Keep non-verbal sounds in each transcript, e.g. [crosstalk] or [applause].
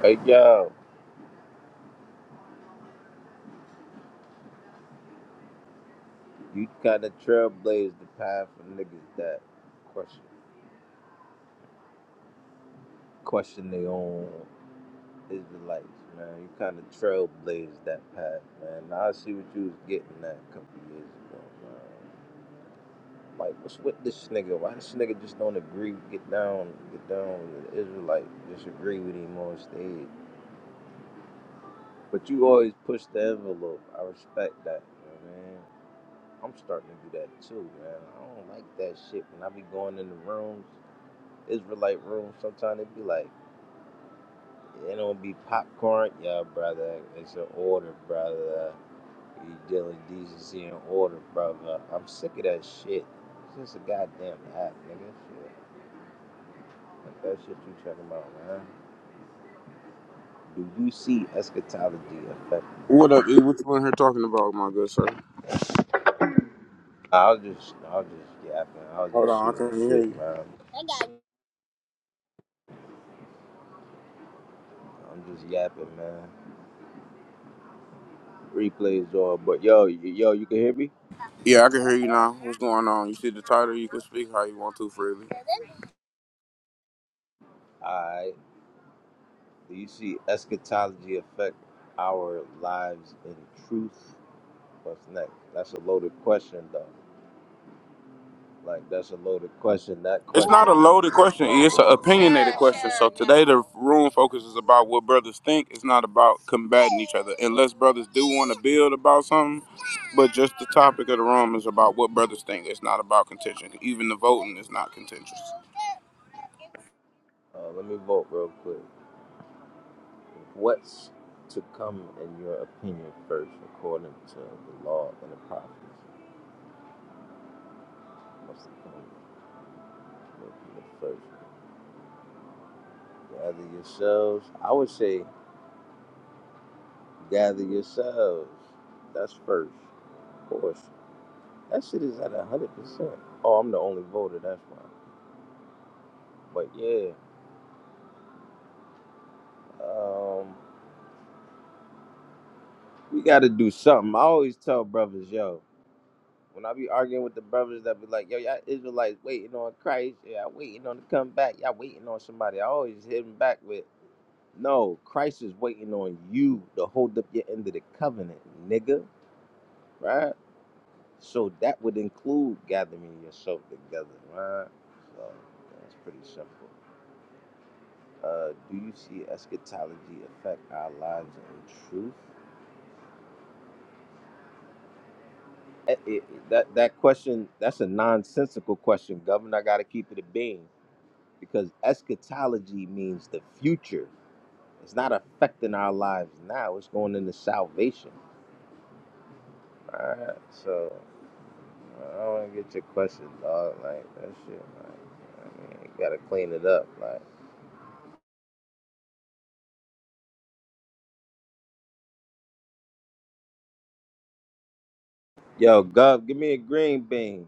Hey yo, you kind of trailblazed the path for niggas that question question their own Israelites, man. You kind of trailblazed that path, man. Now I see what you was getting at a couple years ago, man. Like, what's with this nigga? Why this nigga just don't agree? Get down, get down with the Israelite. Just agree with him on stage. But you always push the envelope. I respect that, you know what I mean? I'm starting to do that too, man. I don't like that shit when I be going in the rooms. Israelite room, sometimes it be like, it don't be popcorn. Yeah, brother, it's an order, brother. You dealing decency and order, brother. I'm sick of that shit. It's just a goddamn app, nigga. Shit. Like that shit you talking about, man. Do you see eschatology affect? What up, E? What you in here talking about, my good sir? I was just, I was just yapping. I was Hold just on, I shooting the can't hear shit, you. man. I'm just yapping, man. Replays on, but yo, y- yo, you can hear me? Yeah, I can hear you now. What's going on? You see the title, you can speak how you want to freely. Alright. Do you see eschatology affect our lives in truth? What's next? That's a loaded question, though. Like that's a loaded question. That It's question, not a loaded you, you question, E. like. It's It, an opinionated question. So today the room focuses about what brothers think. It's not about combating each other. Unless brothers do want to build about something, but just the topic of the room is about what brothers think. It's not about contention. Even the voting is not contentious. uh, let me vote real quick. What's to come in your opinion first, according to the law and the prophets? What's to come in your opinion first? Gather yourselves. I would say, gather yourselves. That's first, of course. That shit is at a hundred percent. Oh, I'm the only voter. That's why. But yeah, um, we got to do something. I always tell brothers, yo, when I be arguing with the brothers that be like, yo, y'all Israelites waiting on Christ, yeah, y'all waiting on to come back, y'all waiting on somebody. I always hit them back with, no, Christ is waiting on you to hold up your end of the covenant, nigga, right? So that would include gathering yourself together, right? So that's pretty simple. Uh, do you see eschatology affect our lives in truth? Eh, eh, that that question that's a nonsensical question, Governor. I got to keep it a being because eschatology means the future. It's not affecting our lives now. It's going into salvation. All right, so I don't want to get your question, dog. Like that shit. Like, I mean, you gotta clean it up. Like, yo, Gov, give me a green bean.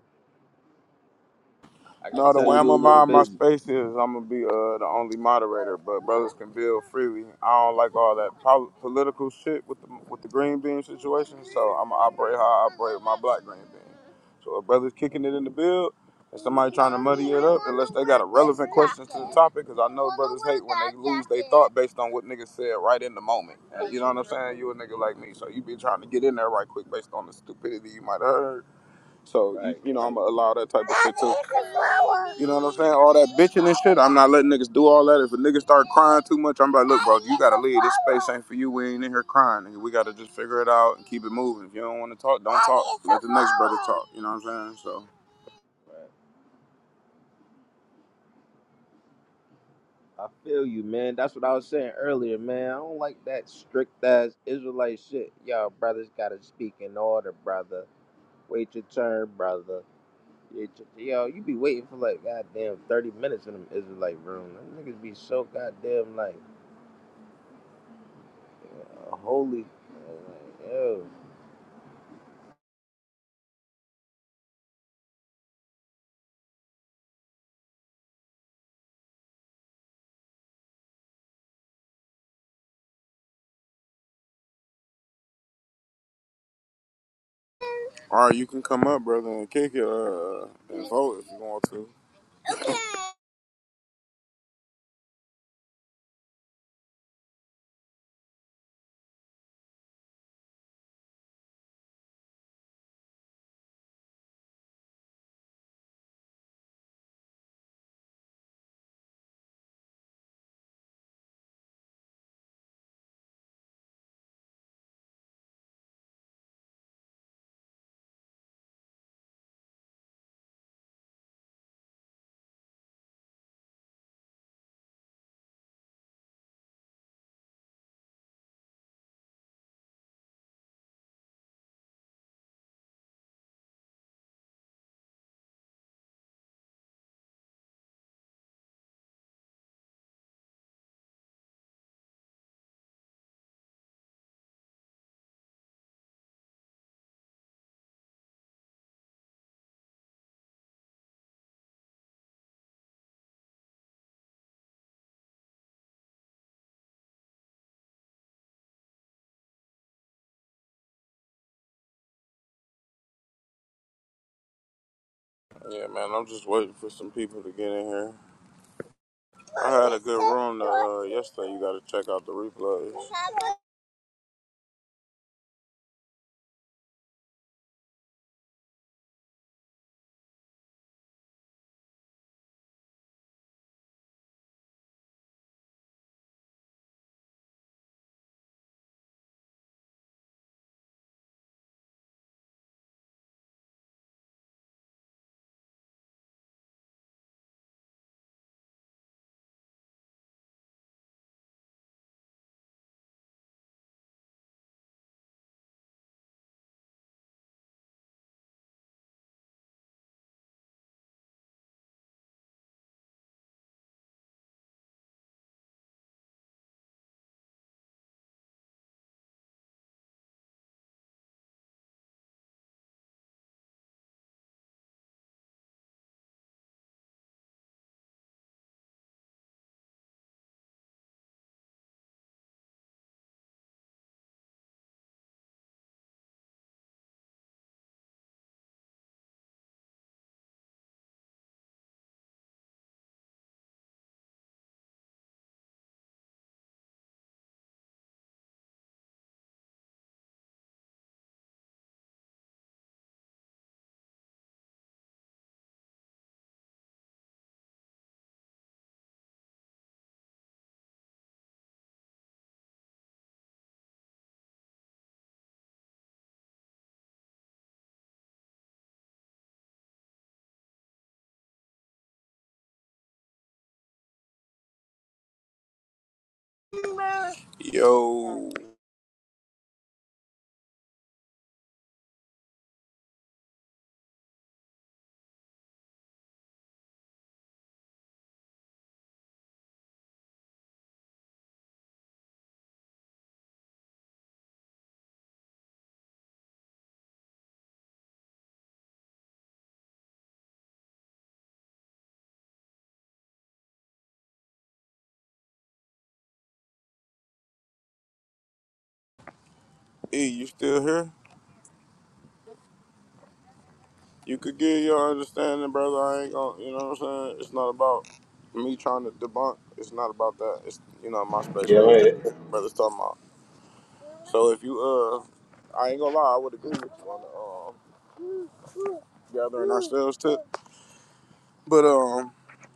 I can No, the So tell way I'm you a gonna little mind my busy. space is I'm gonna be uh, the only moderator, but brothers can build freely. I don't like all that pol- political shit with the with the green bean situation, so I'm gonna operate how I operate with my black green bean. So if brothers kicking it in the build, and somebody trying to muddy it up, unless they got a relevant question to the topic, because I know brothers hate when they lose they thought based on what niggas said right in the moment. And you know what I'm saying? You a nigga like me, so you be trying to get in there right quick based on the stupidity you might have heard so you Right. you know I'm gonna allow that type of shit too. You know what I'm saying? All that bitching and shit. I'm not letting niggas do all that. If a nigga start crying too much, I'm like, look, bro, you gotta leave. This space ain't for you. We ain't in here crying. Nigga. We gotta just figure it out and keep it moving. If you don't want to talk, don't talk. Let the next brother talk. You know what I'm saying? So, Right. I feel you, man. That's what I was saying earlier, man. I don't like that strict ass Israelite shit. Y'all brothers gotta speak in order, brother. Wait your turn, brother. Wait your- Yo, you be waiting for like goddamn thirty minutes in them Israelite room. Them niggas be so goddamn like uh, holy. Like, yo. all right, you can come up, brother, and kick it uh, and vote if you want to. Yeah, man, I'm just waiting for some people to get in here. I had a good room uh, yesterday. You gotta check out the replays. Yo. E, you still here? You could get your understanding, brother. I ain't gonna, you know what I'm saying? It's not about me trying to debunk. It's not about that. It's, you know, my space Yeah, really just man. what brother's talking about. So if you, uh, I ain't gonna lie, I would agree with you on the, um, gathering ourselves too. But, um,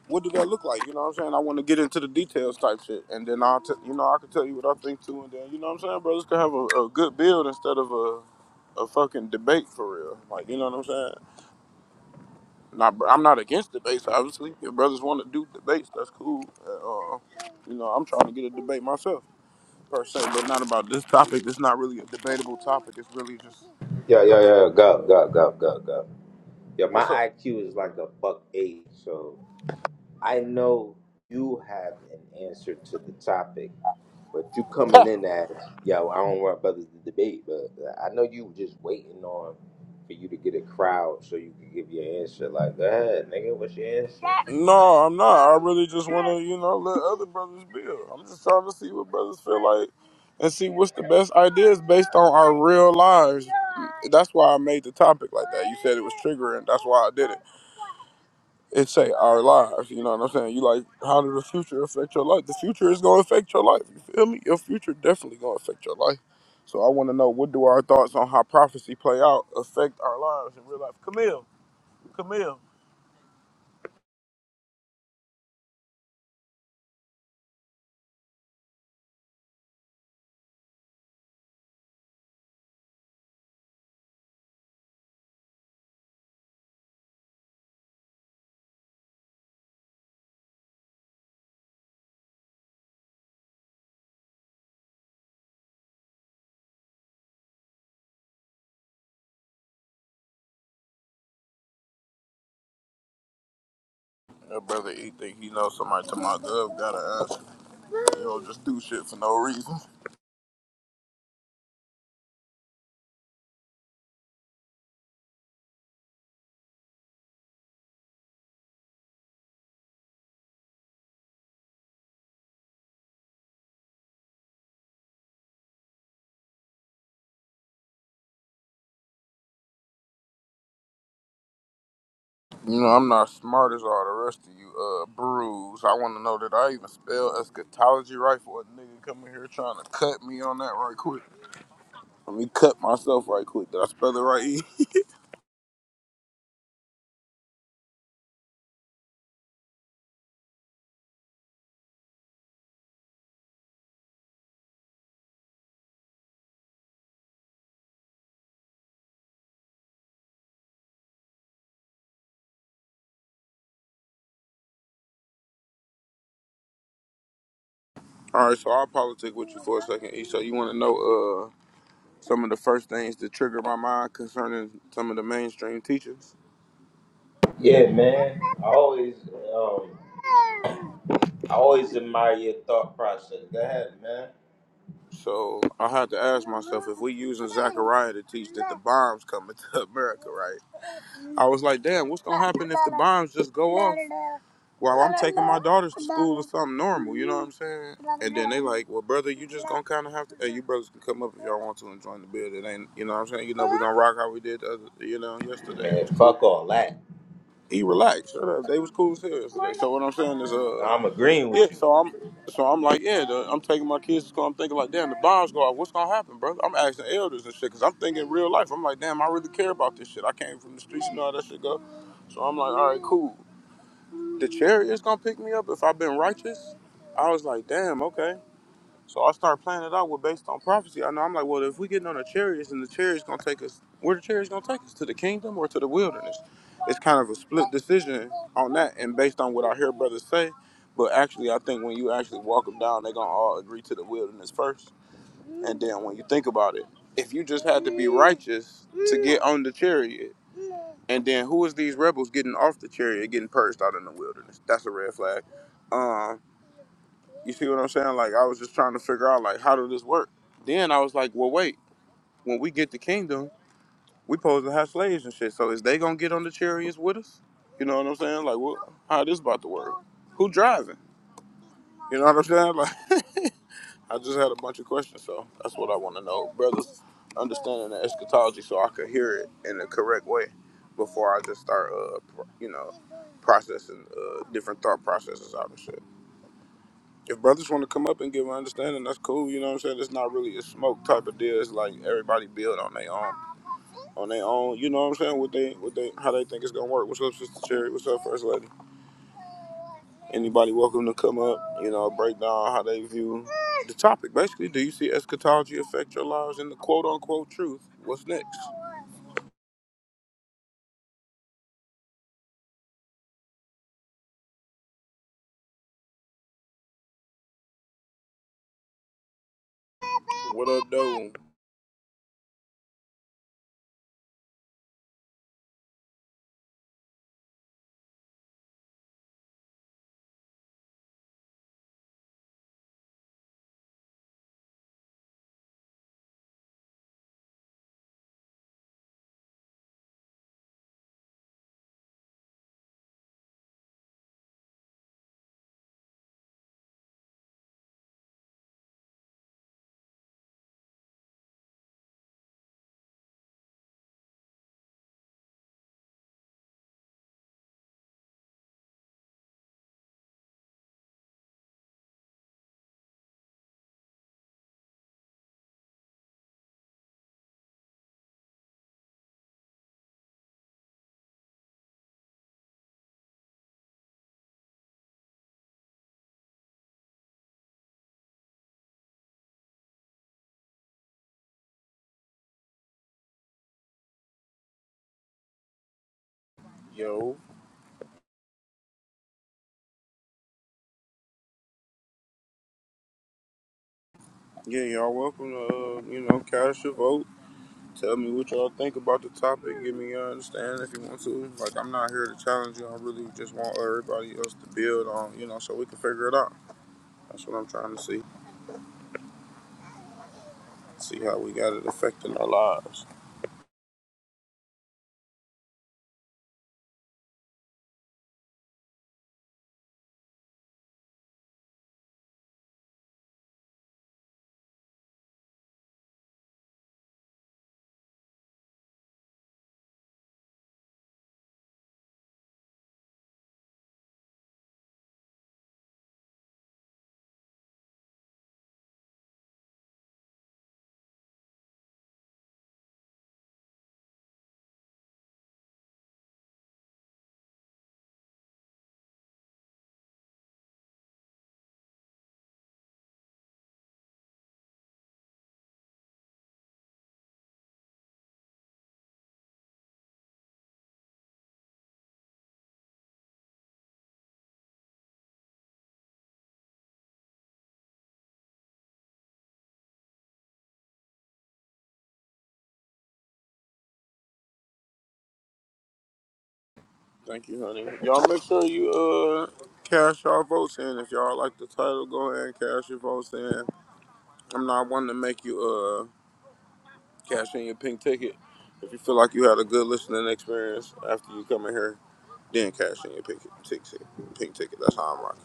what did that look like? You know what I'm saying? I want to get into the details type shit. And then I'll, t- you know, I can tell you what I think too. And then, you know what I'm saying? Brothers can have a, a good build instead of a, a fucking debate for real. Like, you know what I'm saying? Nah, bro, I'm not against debates. Obviously, if brothers want to do debates, that's cool. Uh, uh, you know, I'm trying to get a debate myself per se, but not about this topic. It's not really a debatable topic. It's really just Yeah, yeah, opinion. yeah. Go, go, go, go, go. Yeah, my What's up? IQ is like a buck eight, so. I know you have an answer to the topic, but you [laughs] coming in as, yo, I don't want brothers to debate, but I know you just waiting on for you to get a crowd so you can give your answer. Like, go ahead, nigga, what's your answer? no, I'm not. I really just want to, you know, let other brothers build. I'm just trying to see what brothers feel like and see what's the best ideas based on our real lives. That's why I made the topic like that. You said it was triggering. That's why I did it. it say our lives. You know what I'm saying? You like how does the future affect your life? The future is gonna affect your life. You feel me? Your future definitely gonna affect your life. So I want to know what do our thoughts on how prophecy play out affect our lives in real life? Camille. Your brother, he think he knows somebody to my gov gotta ask. You know, just do shit for no reason. You know, I'm not smart as all the rest of you, uh, bruise. I want to know that I even spell eschatology right for a nigga coming here trying to cut me on that right quick. Let me cut myself right quick. Did I spell it right? [laughs] E? All right, so I'll politic with you for a second. E. So you want to know uh, some of the first things that trigger my mind concerning some of the mainstream teachers? Yeah, man. I always, um, I always admire your thought process. Go ahead, man. So I had to ask myself if we using Zechariah to teach that the bombs coming to [laughs] America, right? I was like, damn, what's gonna happen if the bombs just go off while I'm taking my daughters to school or something normal? You know what I'm saying? And then they like, well, brother, you just gonna kind of have to. Hey, you brothers can come up if y'all want to and join the bid. It ain't, you know what I'm saying? You know we gonna rock how we did, the other, you know, yesterday. It Man, was cool. fuck all that. He relaxed. Shut up. They was cool as hell yesterday. So what I'm saying is, uh. I'm agreeing Yeah, with you. so I'm so I'm like, yeah, the, I'm taking my kids to school. I'm thinking like, damn, the bombs go out. What's gonna happen, brother? I'm asking elders and shit because I'm thinking real life. I'm like, damn, I really care about this shit. I came from the streets and all that shit go. So I'm like, all right, cool. The chariot is gonna pick me up if I've been righteous. I was like, damn, okay. So I start planning it out with based on prophecy. I know I'm like, well, if we getting on the chariots and the chariots gonna take us, where the chariots gonna take us to the kingdom or to the wilderness? It's kind of a split decision on that, and based on what I hear brothers say. But actually, I think when you actually walk them down, they're gonna all agree to the wilderness first, and then when you think about it, if you just had to be righteous to get on the chariot, and then who is these rebels getting off the chariot, getting purged out in the wilderness? That's a red flag. Um, you see what I'm saying? Like I was just trying to figure out like how does this work? Then I was like, well wait, when we get the kingdom, we supposed to have slaves and shit. So is they gonna get on the chariots with us? You know what I'm saying? Like what how this about to work? Who driving? You know what I'm saying? Like [laughs] I just had a bunch of questions, so that's what I wanna know. Brothers understanding the eschatology so I could hear it in the correct way before I just start uh pro- you know, processing uh different thought processes out and shit. If brothers want to come up and give an understanding, that's cool. You know what I'm saying? It's not really a smoke type of deal. It's like everybody build on their own, on their own. You know what I'm saying? What they, what they, how they think it's gonna work. What's up, Sister Cherry? What's up, First Lady? Anybody welcome to come up? You know, break down how they view the topic. Basically, do you see eschatology affect your lives in the quote unquote truth? What's next? What up, though? Yo. Yeah, y'all welcome to, uh, you know, cast your vote. Tell me what y'all think about the topic. Give me your understanding if you want to. Like, I'm not here to challenge you. I really just want everybody else to build on, you know, so we can figure it out. That's what I'm trying to see. See how we got it affecting our lives. Thank you, honey. Y'all make sure you uh cash y'all votes in. If y'all like the title, go ahead and cash your votes in. I'm not one to make you uh cash in your pink ticket. If you feel like you had a good listening experience after you come in here, then cash in your pink ticket. Pink ticket. That's how I'm rocking.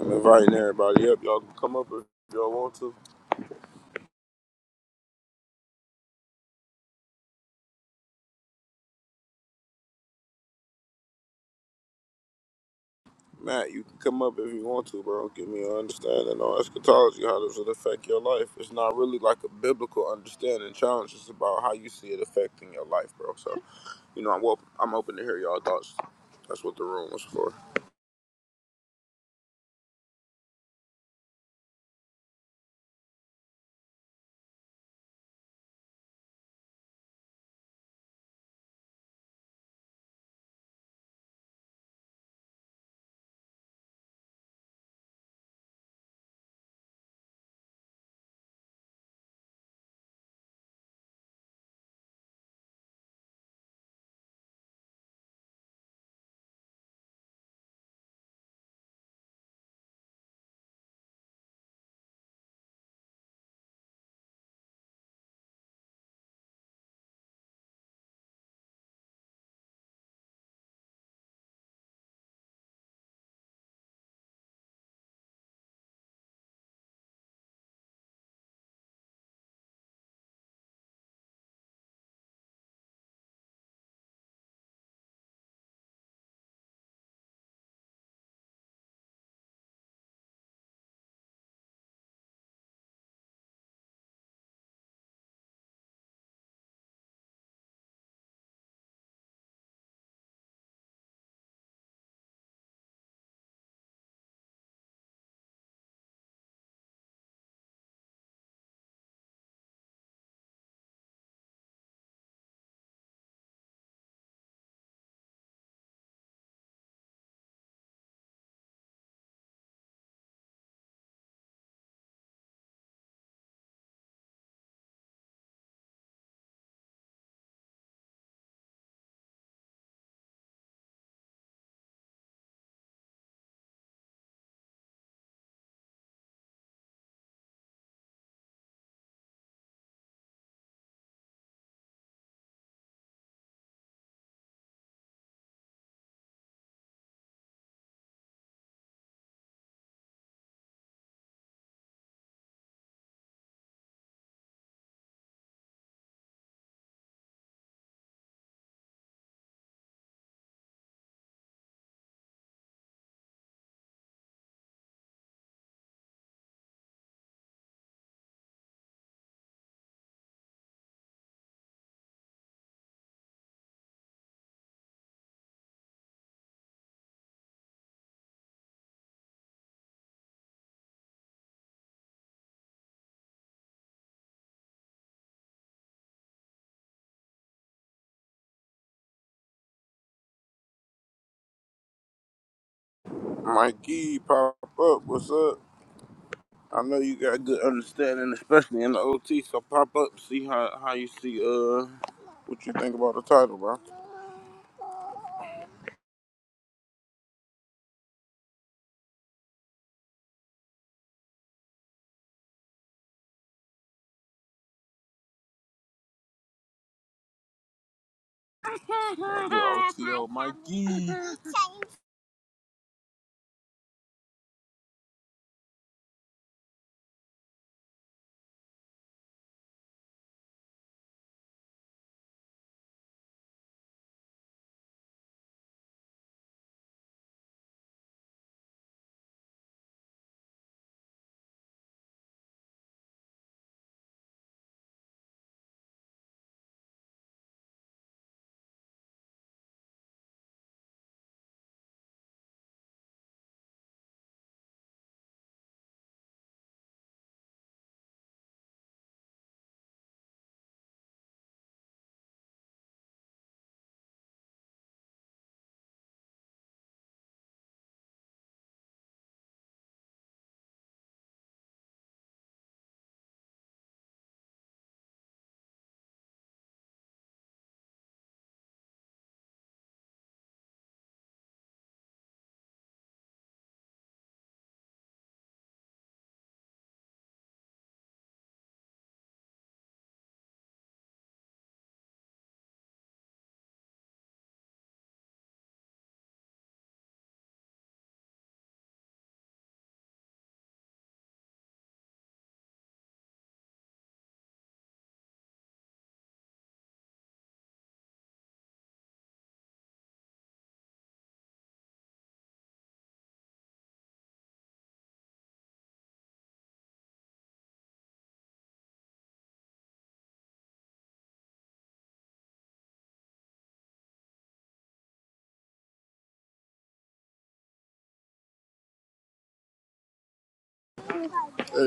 I'm inviting everybody up. Y'all can come up if y'all want to. Matt, you can come up if you want to, bro. Give me an understanding on eschatology. How does it affect your life? It's not really like a biblical understanding challenge. It's about how you see it affecting your life, bro. So, you know, I'm open, I'm open to hear y'all thoughts. That's what the room was for. Mikey, pop up. What's up? I know you got good understanding, especially in the OT. So pop up, see how how you see uh what you think about the title, bro. Yo, Mikey. Hey,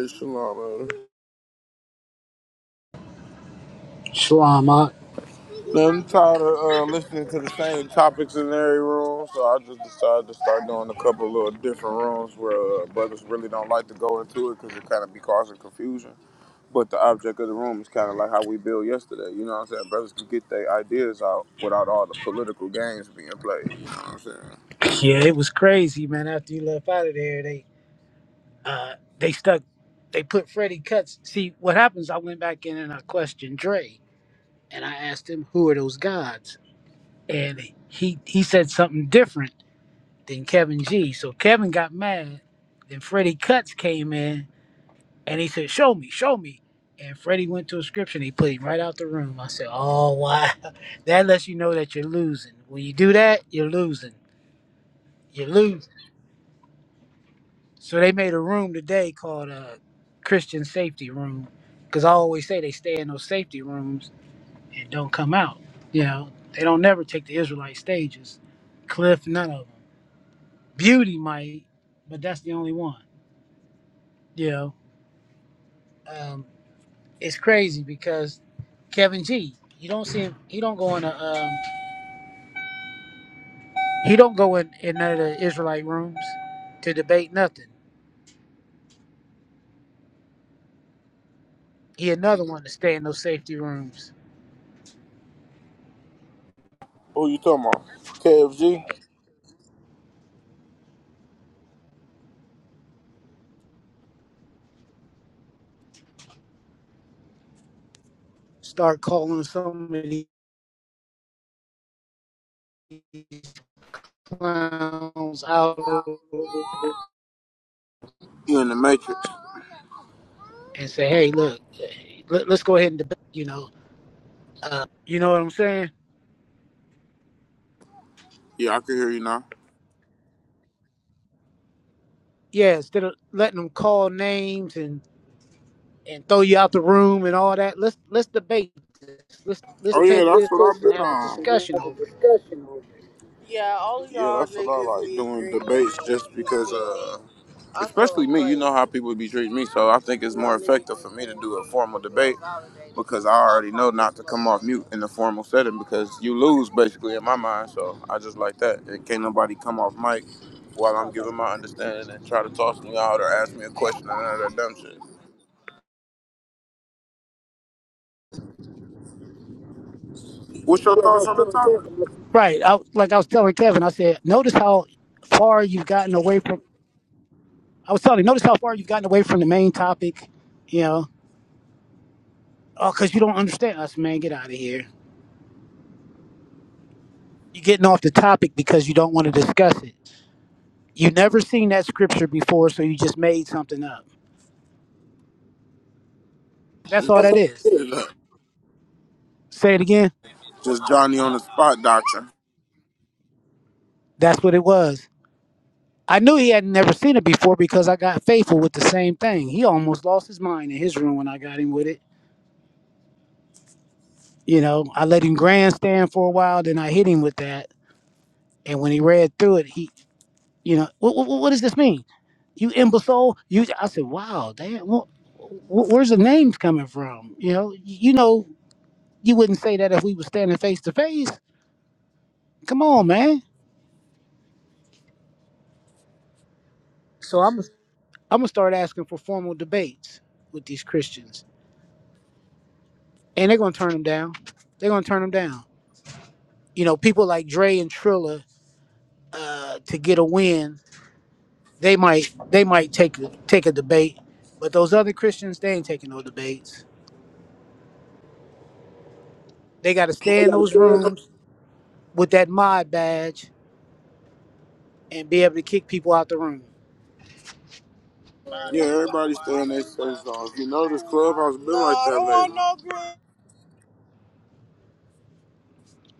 Shalana. Shlama. I'm tired of uh, listening to the same topics in every room, so I just decided to start doing a couple little different rooms where uh, brothers really don't like to go into it because it kind of be causing confusion. But the object of the room is kind of like how we built yesterday. You know what I'm saying? Brothers can get their ideas out without all the political games being played. You know what I'm saying? Yeah, it was crazy, man. After you left out of there, they uh they stuck they put Freddie Cuts. See, what happens, I went back in and I questioned Dre and I asked him who are those gods? And he he said something different than Kevin G. So Kevin got mad. Then Freddie Cuts came in and he said, Show me, show me. And Freddie went to a scripture and he put him right out the room. I said, Oh wow. [laughs] That lets you know that you're losing. When you do that, you're losing. You lose. So they made a room today called a Christian Safety Room, because I always say they stay in those safety rooms and don't come out. You know, they don't never take the Israelite stages. Cliff, none of them. Beauty might, but that's the only one. You know, um, it's crazy because Kevin G, you don't see him. He don't go in a. Um, he don't go in, in none of the Israelite rooms to debate nothing. He another one to stay in those safety rooms. Who you talking about? KFG? Start calling somebody clowns out You in the Matrix? and say, "Hey, look, let, us go ahead and debate." You know, uh, you know what I'm saying? Yeah, I can hear you now. Yeah, instead of letting them call names and and throw you out the room and all that, let's let's debate this. Let's let's Oh yeah, take that's this what I've and been have a on. discussion over it. Yeah, all of Yeah, y'all Yeah, that's what I niggas like be doing green. debates just because uh I feel especially me, you like know how people be treating me, so I think it's more effective for me to do a formal debate because I already know not to come off mute in the formal setting because you lose basically in my mind, so I just like that. And can't nobody come off mic while I'm giving my understanding and try to toss me out or ask me a question and none of that dumb shit. What's your thoughts on the topic? Right. I, like I was telling Kevin, I said, notice how far you've gotten away from. I was telling you, notice how far you've gotten away from the main topic. You know, oh, because you don't understand us, man. Get out of here. You're getting off the topic because you don't want to discuss it You never seen that scripture before, so you just made something up. That's all that is. [laughs] Say it again. Just Johnny on the spot doctrine. That's what it was. I knew he had never seen it before because I got faithful with the same thing. He almost lost his mind in his room when I got him with it. You know, I let him grandstand for a while, then I hit him with that. And when he read through it, he, you know, what, what, what does this mean? You imbecile! You, I said, wow, damn, wh- wh- where's the names coming from? You know, you know, you wouldn't say that if we were standing face to face. Come on, man I'm gonna start asking for formal debates with these Christians, and they're gonna turn them down. They're gonna turn them down. You know, people like Dre and Trilla uh, to get a win, they might they might take a, take a debate, but those other Christians they ain't taking no debates. They got to stay in those rooms with that mod badge and be able to kick people out the room. Yeah, everybody's still in their safe zone. If you notice, Clubhouse been like that lately.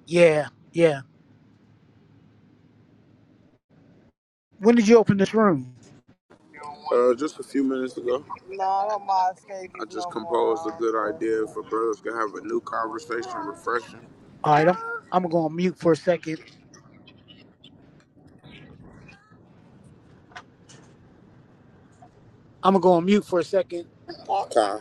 Yeah, yeah. When did you open this room? Uh, just a few minutes ago. I just composed a good idea for brothers to have a new conversation, refreshing. All right, I'm, I'm gonna go on mute for a second. I'm gonna go on mute for a second. Okay.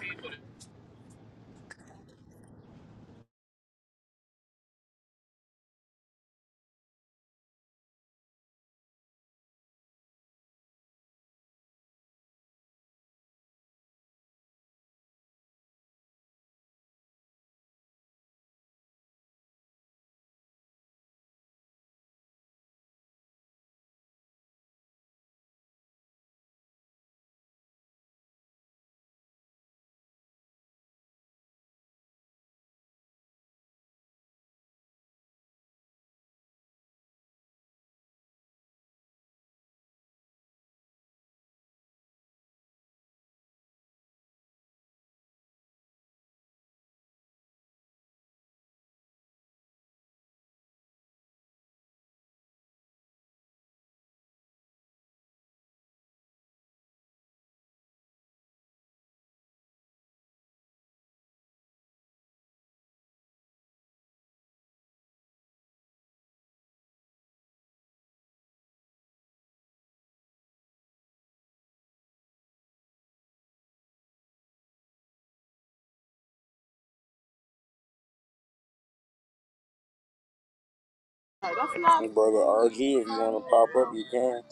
And brother RG, if you want to pop up, you can.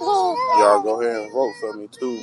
Y'all go ahead and vote for me too.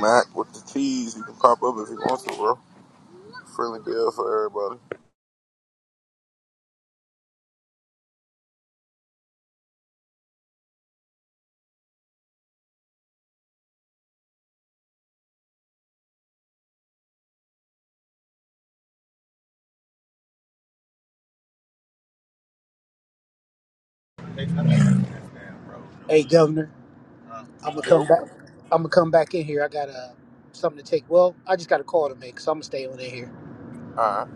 Mac with the T's, you can pop up if you want to, bro. Friendly deal for everybody. Hey, Governor. I'm gonna come Yo. back. I'm gonna come back in here. I got uh, something to take. Well, I just got a call to make, so I'm gonna stay on in here. Alright.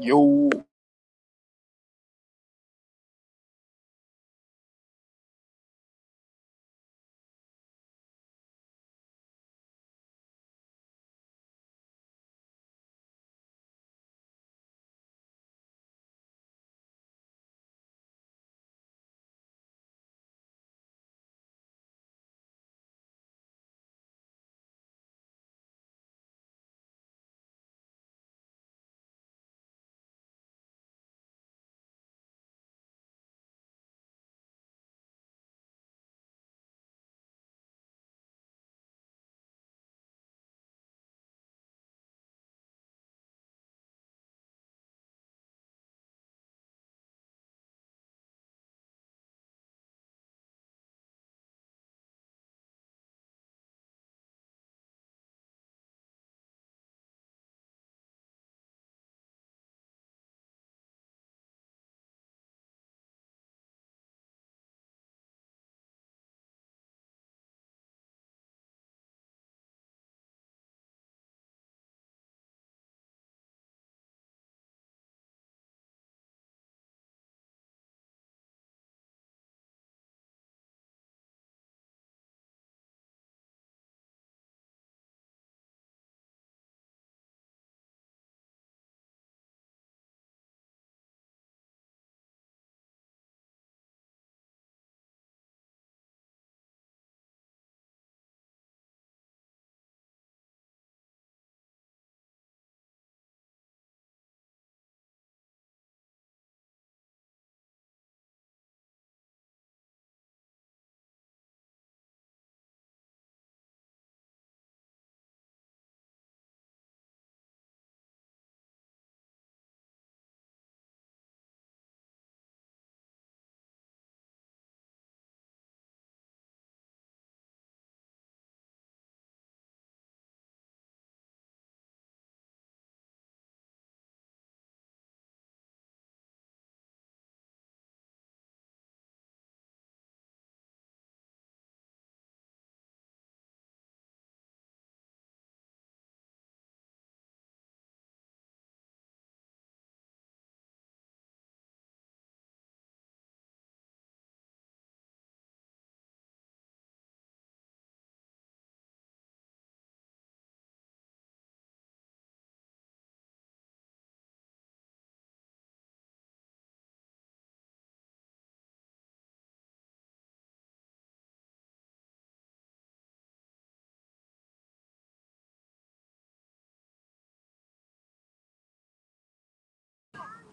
Yo.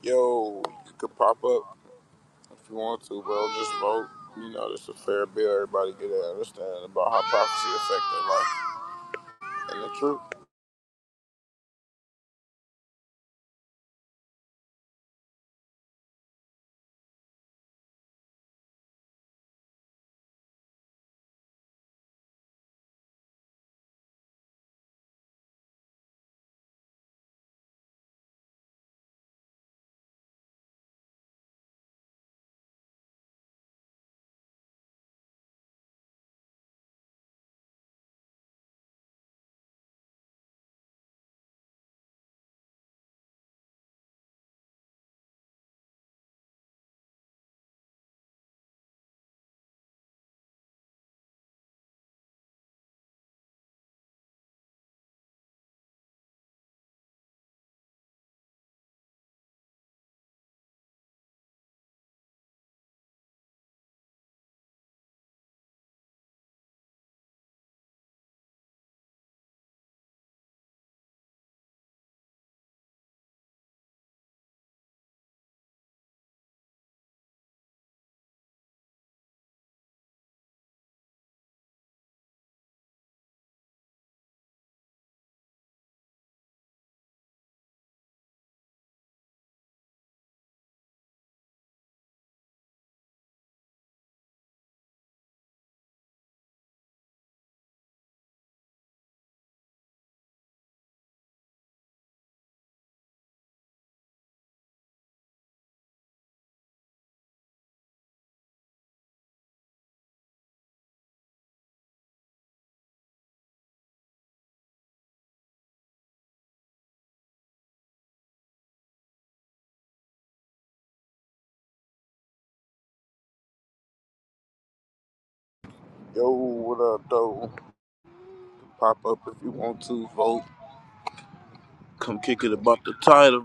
Yo. You can pop up. If you want to, bro, just vote. You know, it's a fair bill. Everybody get to understand about how prophecy affect their life and the truth. Yo, what up, though? Pop up if you want to. Vote. Come kick it about the title.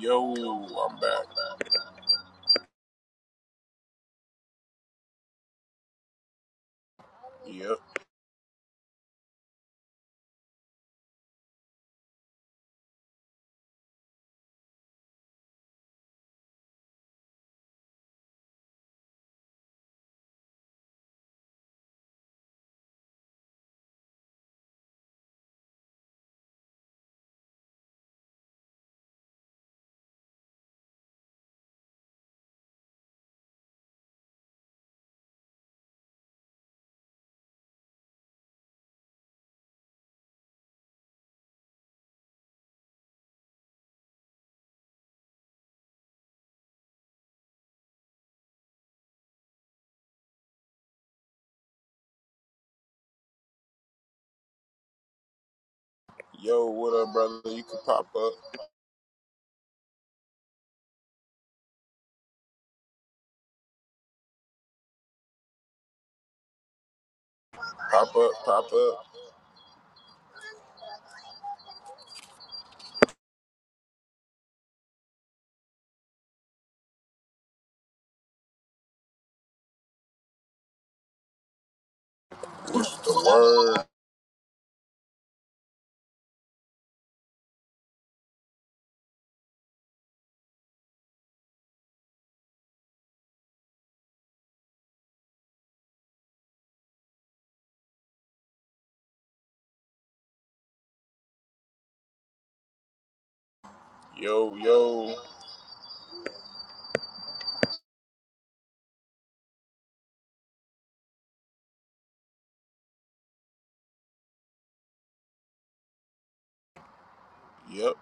Yo, I'm back. Yep. Yo, what up, brother? You can pop up. Pop up, pop up. The word. Yo, yo. Yep.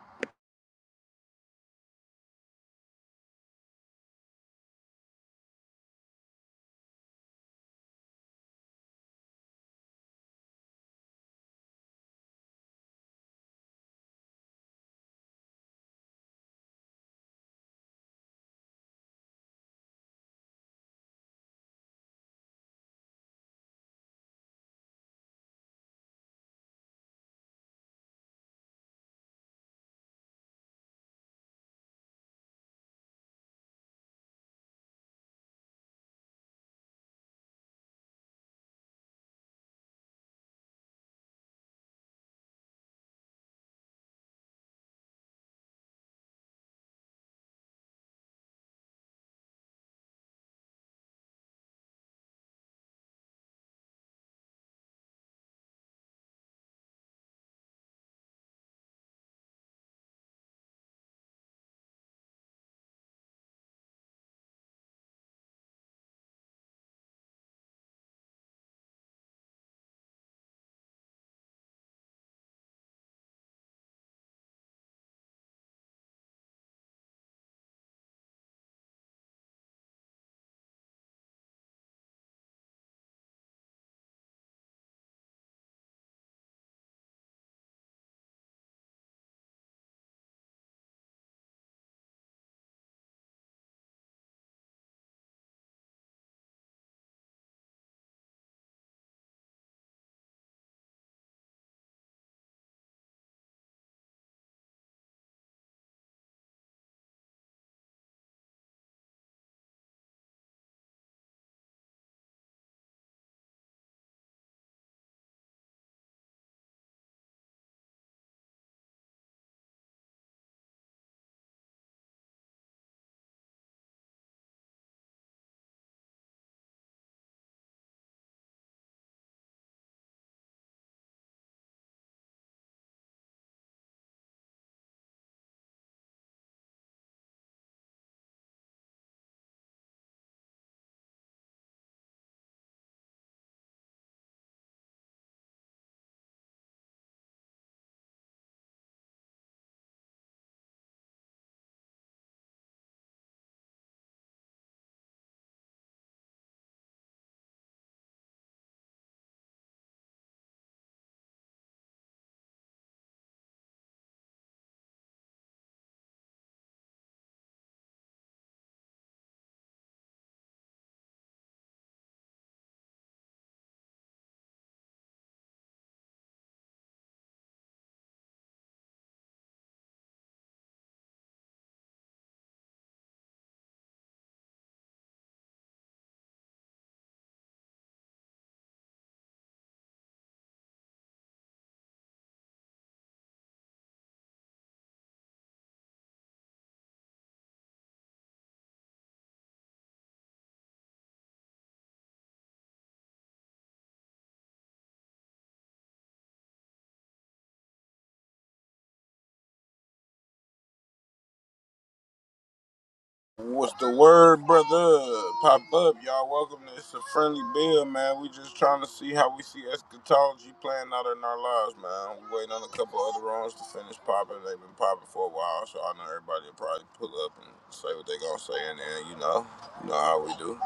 What's the word, brother? Pop up, y'all. Welcome to It's a Friendly Bill, man. We just trying to see how we see eschatology playing out in our lives, man. We waiting on a couple other rounds to finish popping. They've been popping for a while, so I know everybody will probably pull up and say what they gonna say, and then you know, you know how we do.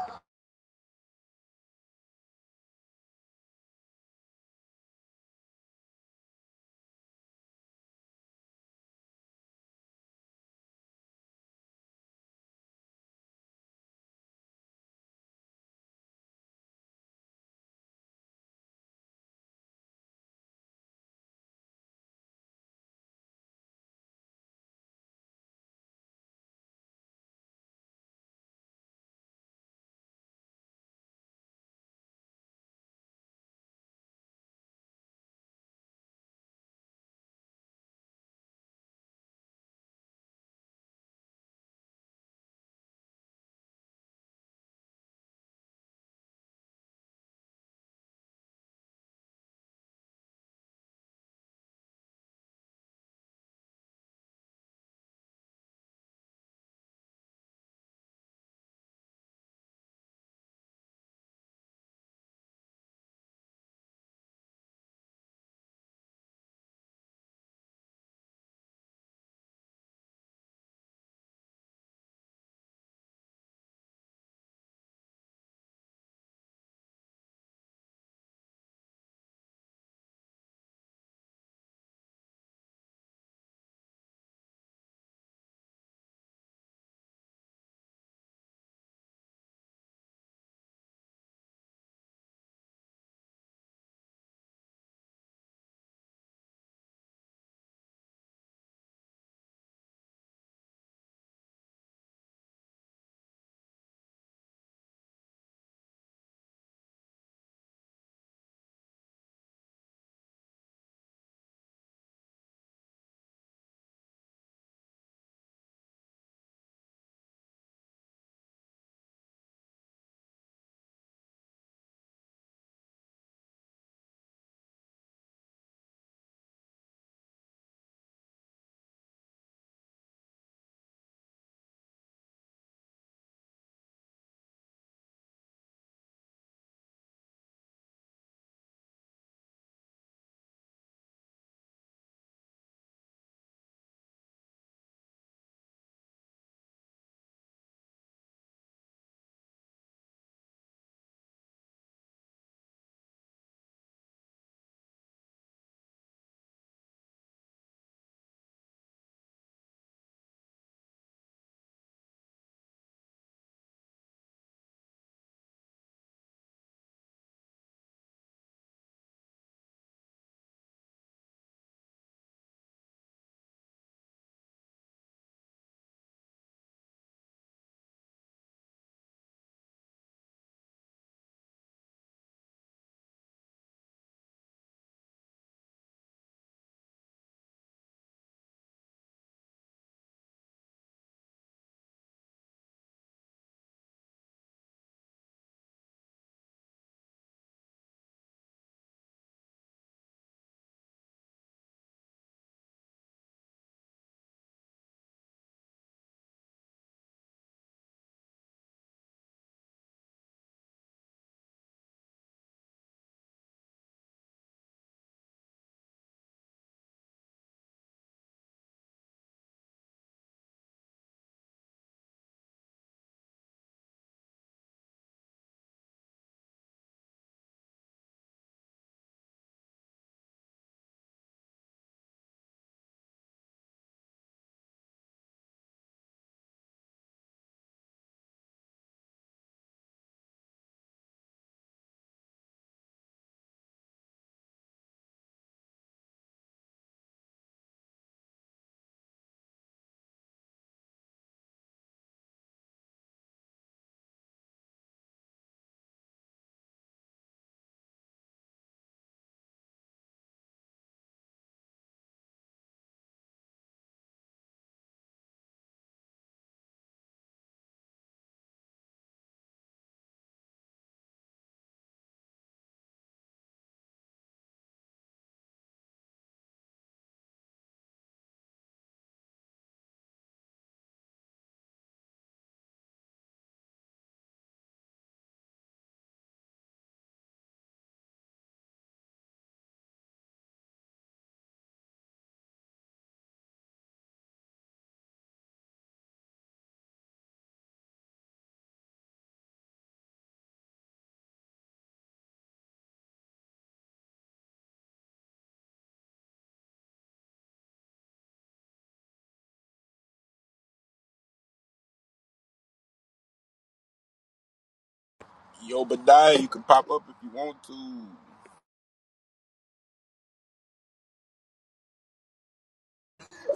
Yo, Badiah, you can pop up if you want to.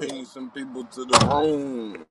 Ping some people to the room.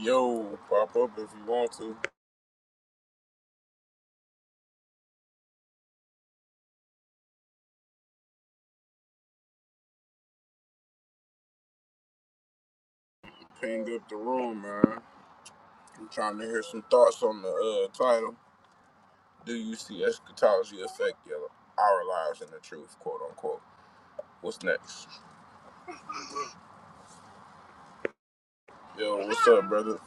Yo, pop up if you want to. Ping up the room, man. I'm trying to hear some thoughts on the uh, title. Do you see eschatology affect your, our lives and the truth, quote unquote? What's next? Yo, what's up, brother?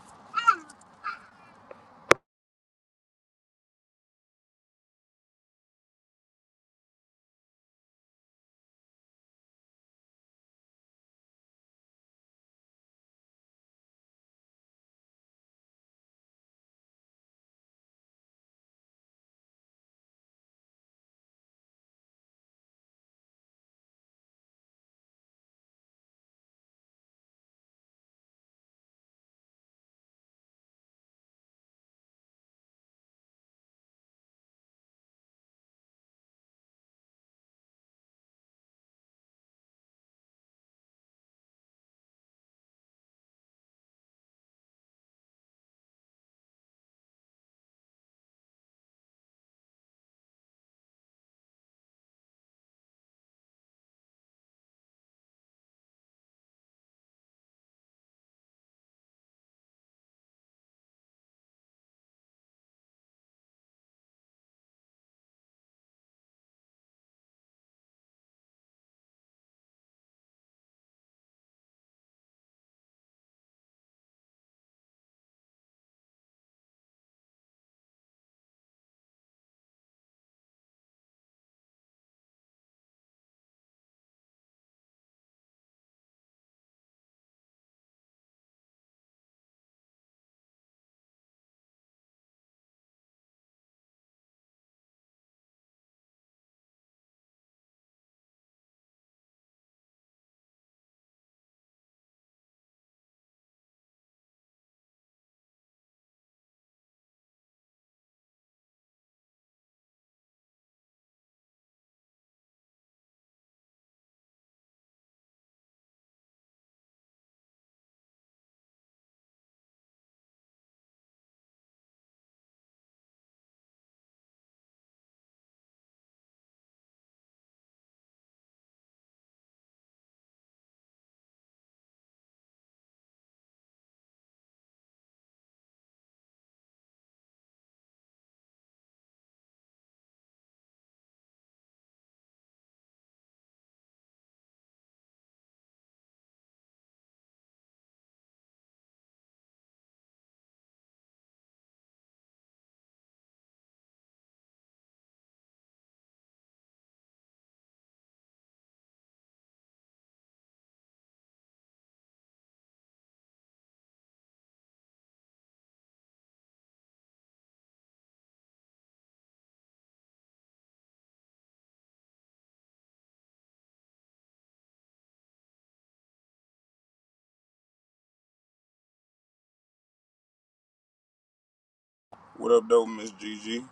What up, though, Miss Gigi?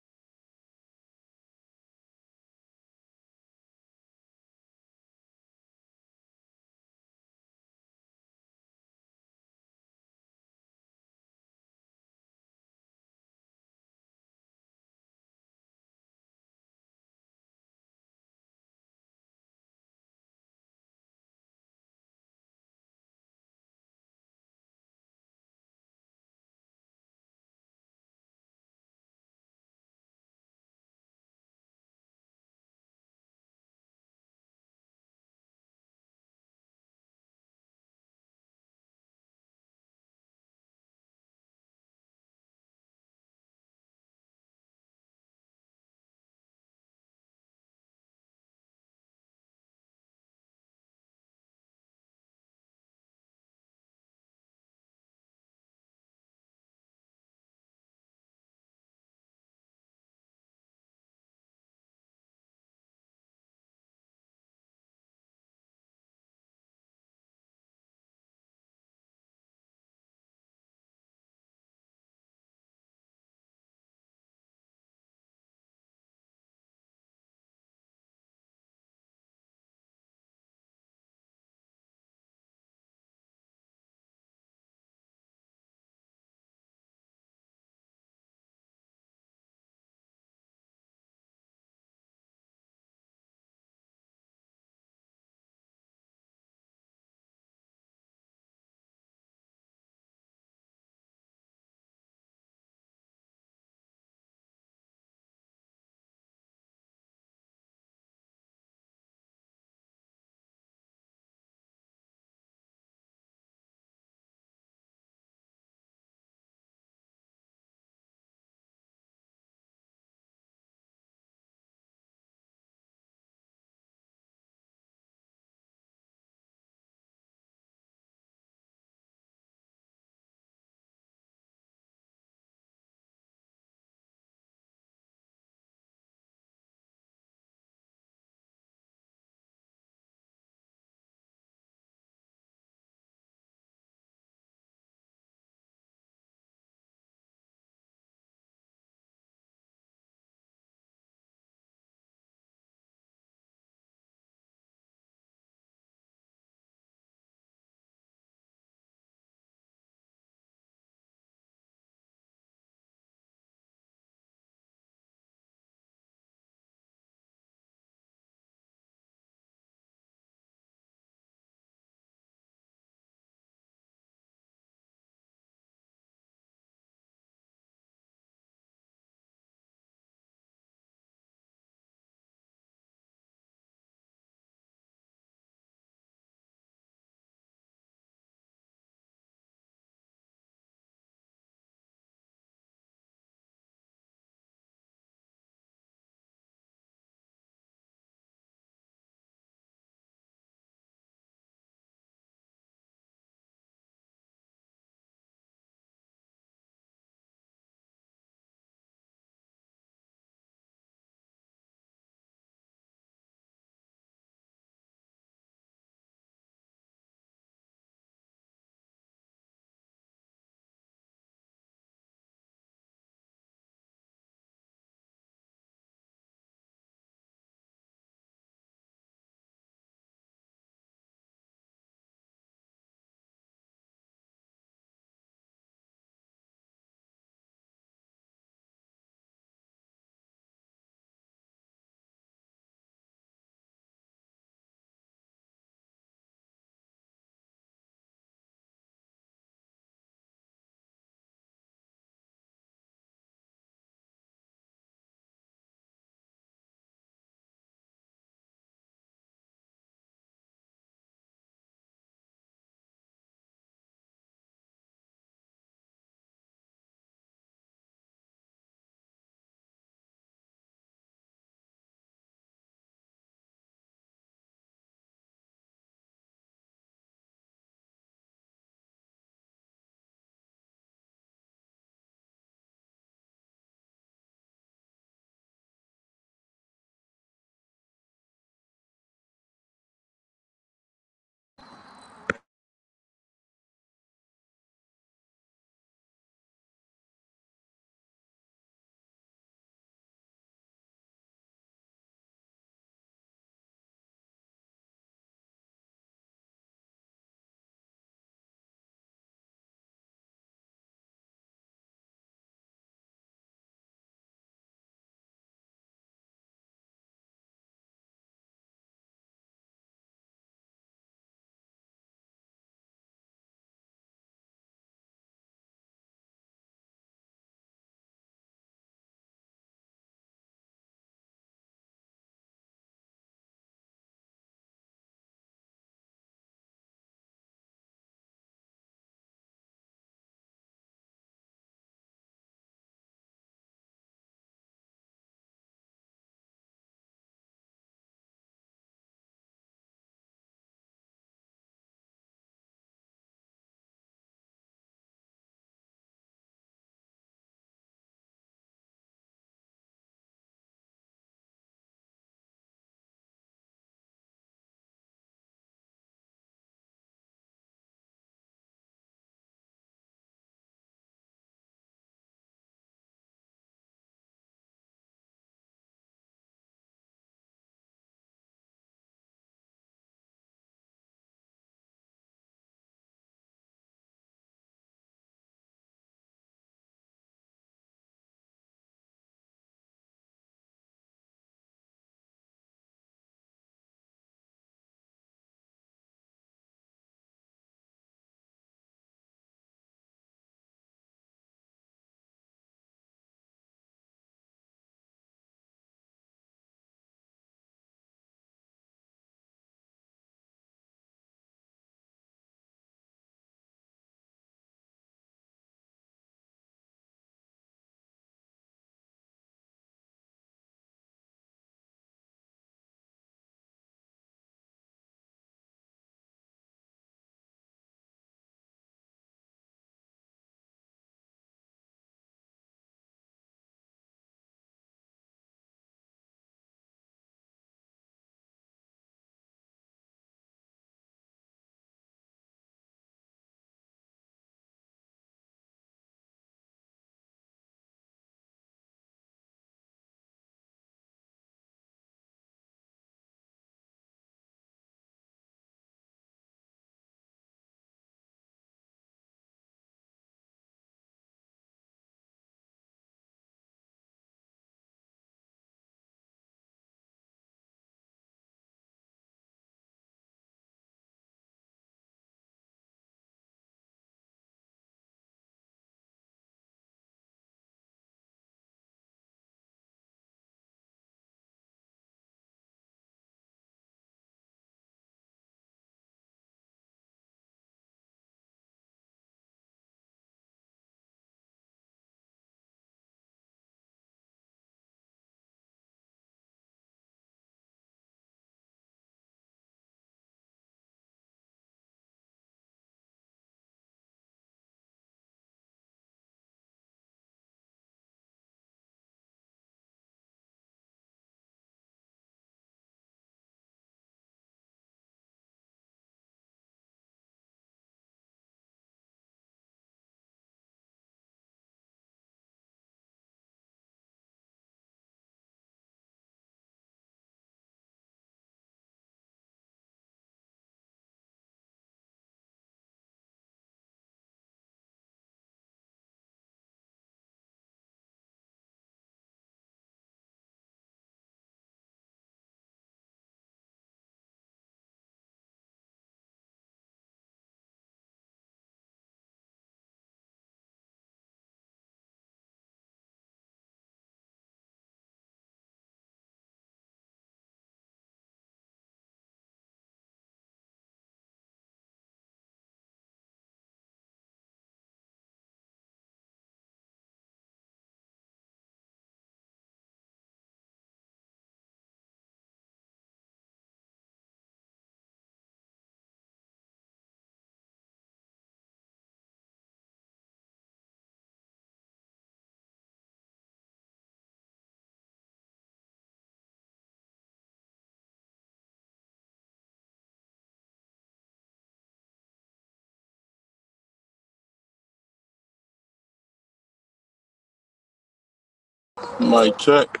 Mike, check.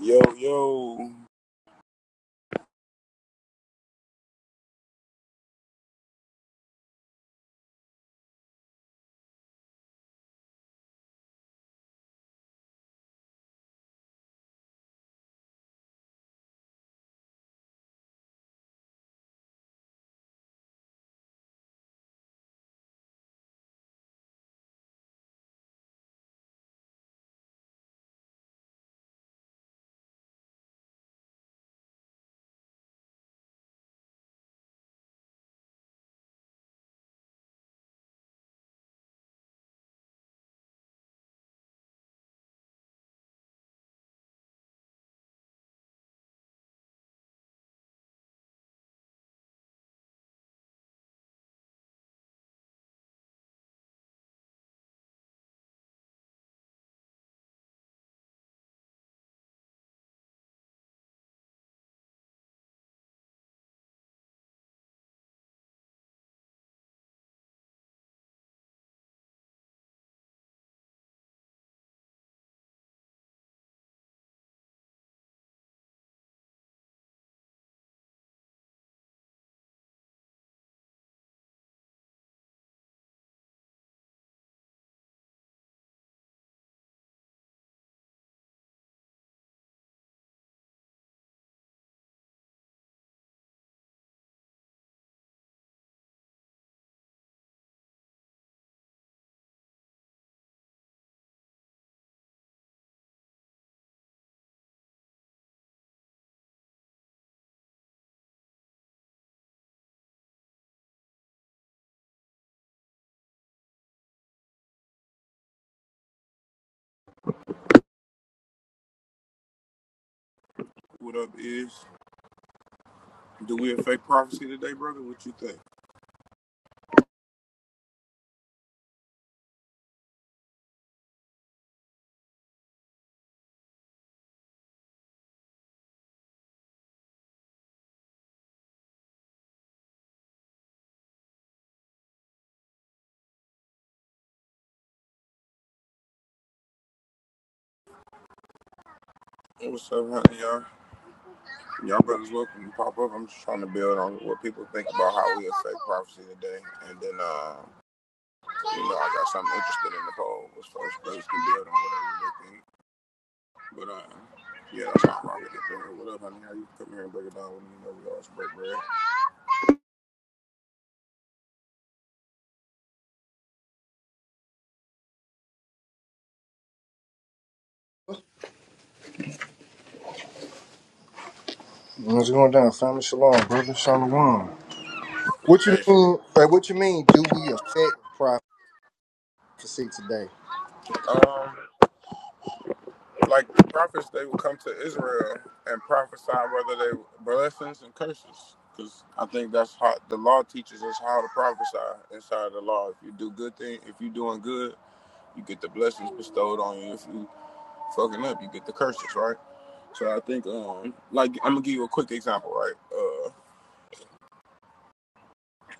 Yo, yo, what up, is? Do we affect prophecy today, brother? What you think? What's up, honey, y'all? Y'all brothers welcome to pop up. I'm just trying to build on what people think about how we affect prophecy today. And then, uh, you know, I got something interested in the poll as far as brothers can build on whatever they think. But uh, Yeah, that's how I'm it, What up, honey? How you come here and break it down when you know we always break bread? What's going down, family? Shalom, brother. Shalom. What you Hey, mean? Uh, what you mean? Do we affect prophecy today? um, like the prophets, they would come to Israel and prophesy whether they were blessings and curses. Because I think that's how the law teaches us how to prophesy inside the law. If you do good thing, if you doing good, you get the blessings bestowed on you. If you fucking up, you get the curses, right? So I think, um, like, I'm gonna give you a quick example, right? Uh,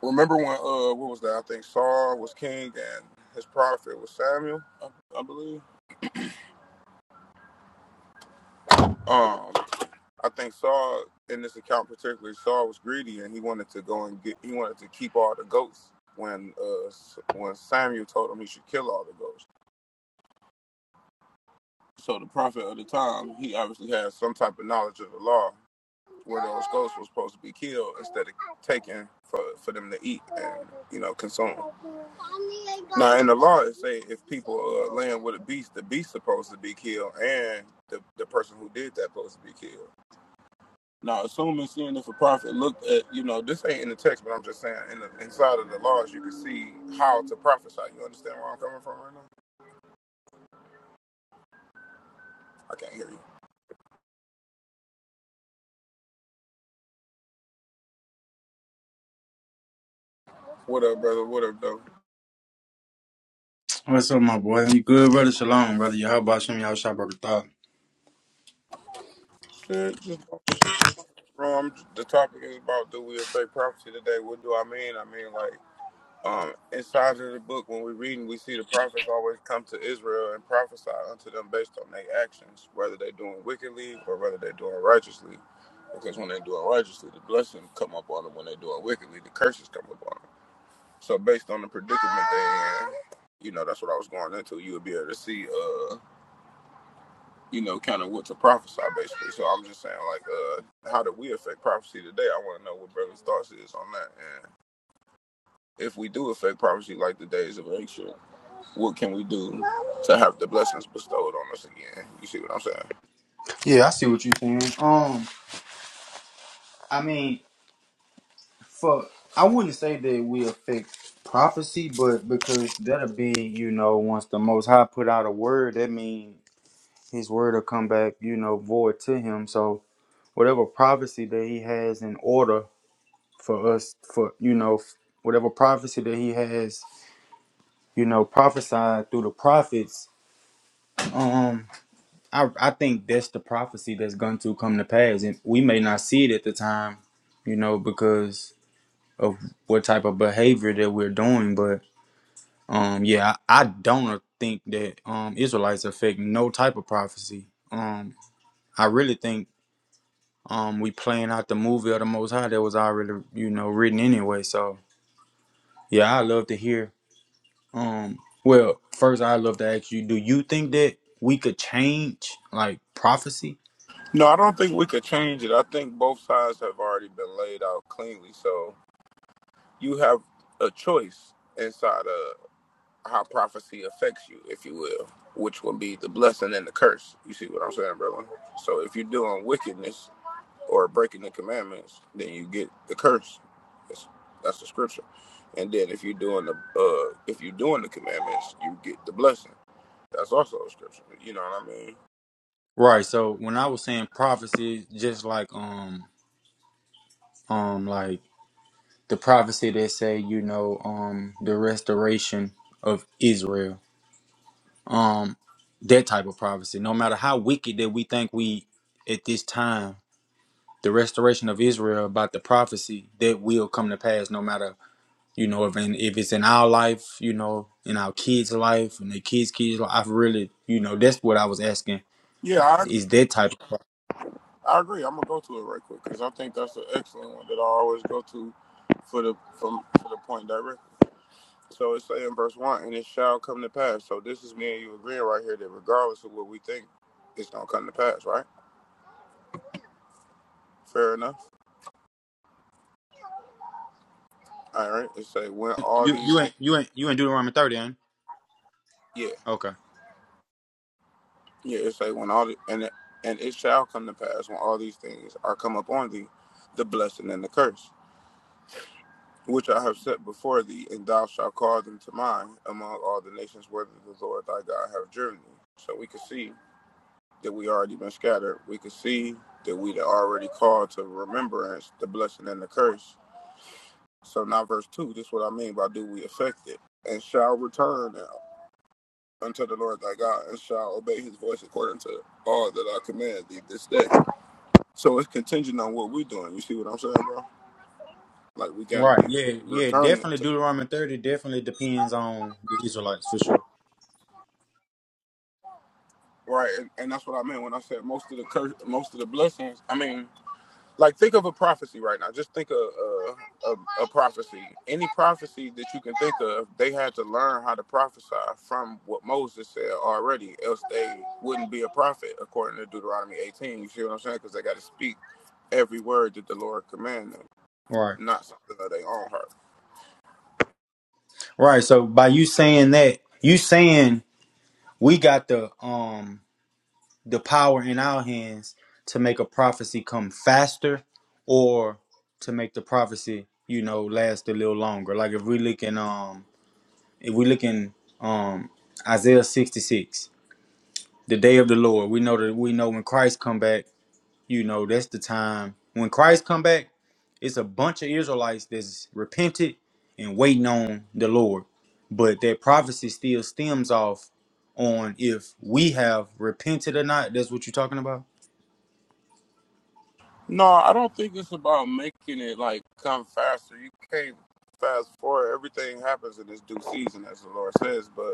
Remember when uh what was that? I think Saul was king and his prophet was Samuel, I, I believe. Um, I think Saul in this account particularly, Saul was greedy and he wanted to go and get he wanted to keep all the goats when uh when Samuel told him he should kill all the goats. So the prophet of the time, he obviously had some type of knowledge of the law, where those ghosts were supposed to be killed instead of taken for, for them to eat and you know consume. Now in the law, it say if people uh, land with a beast, the beast supposed to be killed, and the, the person who did that supposed to be killed. Now, assuming seeing if a prophet looked at, you know, this ain't in the text, but I'm just saying, in the, inside of the laws, you can see how to prophesy. You understand where I'm coming from right now? I can't hear you. What up, brother? What up, though? What's up, my boy? You good, brother? Shalom, brother. How about some y'all shop brother? Thought. Shit, just Um, the topic is about do we affect prophecy today? What do I mean? I mean, like, um, inside of the book, when we reading, we see the prophets always come to Israel and prophesy unto them based on their actions, whether they're doing wickedly or whether they're doing righteously. Because when they're doing righteously, the blessing come up on them. When they're doing wickedly, the curses come up on them. So based on the predicament they're in, you know, that's what I was going into. You would be able to see. uh you know, kind of what to prophesy basically. So I'm just saying, like, uh, how do we affect prophecy today? I want to know what brothers' thoughts is on that, and if we do affect prophecy like the days of ancient, what can we do to have the blessings bestowed on us again? You see what I'm saying? Yeah, I see what you're saying. Um, I mean, for I wouldn't say that we affect prophecy, but because that'll be, you know, once the Most High put out a word, that means His word will come back, you know, void to Him. So whatever prophecy that He has in order for us, for you know, whatever prophecy that He has, you know, prophesied through the prophets. um, I I think that's the prophecy that's going to come to pass, and we may not see it at the time, you know, because of what type of behavior that we're doing. But um, yeah, I, I don't think that um Israelites affect no type of prophecy. Um, I really think um we playing out the movie of the Most High that was already you know written anyway. So yeah, I love to hear. Um, well, first I love to ask you, do you think that we could change like prophecy? No, I don't think we could change it. I think both sides have already been laid out cleanly, so you have a choice inside of how prophecy affects you, if you will, which will be the blessing and the curse. You see what I'm saying, brother? So if you're doing wickedness or breaking the commandments, then you get the curse. That's, that's the scripture. And then if you're doing the uh, if you're doing the commandments, you get the blessing. That's also a scripture. You know what I mean? Right. So when I was saying prophecy, just like um um like the prophecy that say, you know, um the restoration of Israel. Um that type of prophecy. No matter how wicked that we think we at this time, the restoration of Israel about the prophecy that will come to pass no matter you know, if in, if it's in our life, you know, in our kids' life, and their kids' kids' life, I've really, you know, that's what I was asking. Yeah, I Is that type of pro- I agree. I'm gonna go to it right quick because I think that's an excellent one that I always go to for the from for the point directly. So it's saying in verse one, and it shall come to pass. So this is me and you agreeing right here that regardless of what we think, it's gonna come to pass, right? Fair enough. All right. It say when all you these you things, ain't you ain't you ain't Deuteronomy thirty, ain't? it? yeah, Okay. yeah. It say when all the, and it, and it shall come to pass when all these things are come upon thee, the blessing and the curse, which I have set before thee, and thou shalt call them to mind among all the nations where the Lord thy God have driven thee. So we can see. that we already been scattered. We could see that we'd already called to remembrance the blessing and the curse. So now verse two, this is what I mean by do we affect it and shall return unto the Lord thy God and shall obey his voice according to all that I command thee this day. So it's contingent on what we're doing. You see what I'm saying, bro? Like we gotta Right. be Yeah. Yeah. returning Definitely to Deuteronomy 30 definitely depends on the Israelites for sure. right, and, and that's what I meant when I said most of the curse most of the blessings, I mean like think of a prophecy right now. Just think of a, a, a prophecy. Any prophecy that you can think of, they had to learn how to prophesy from what Moses said already, else they wouldn't be a prophet according to Deuteronomy 18. You see what I'm saying? Because they got to speak every word that the Lord commanded them, Right. not something that they own heart. Right. So by you saying that, you saying we got the um the power in our hands to make a prophecy come faster or to make the prophecy, you know, last a little longer. Like if we look in um if we look in um Isaiah 66, the day of the Lord, we know that we know when Christ come back, you know, that's the time when Christ come back It's a bunch of Israelites that's repented and waiting on the Lord. But that prophecy still stems off on if we have repented or not. That's what you're talking about. No, I don't think it's about making it like come faster. You can't fast forward. Everything happens in its due season, as the Lord says, but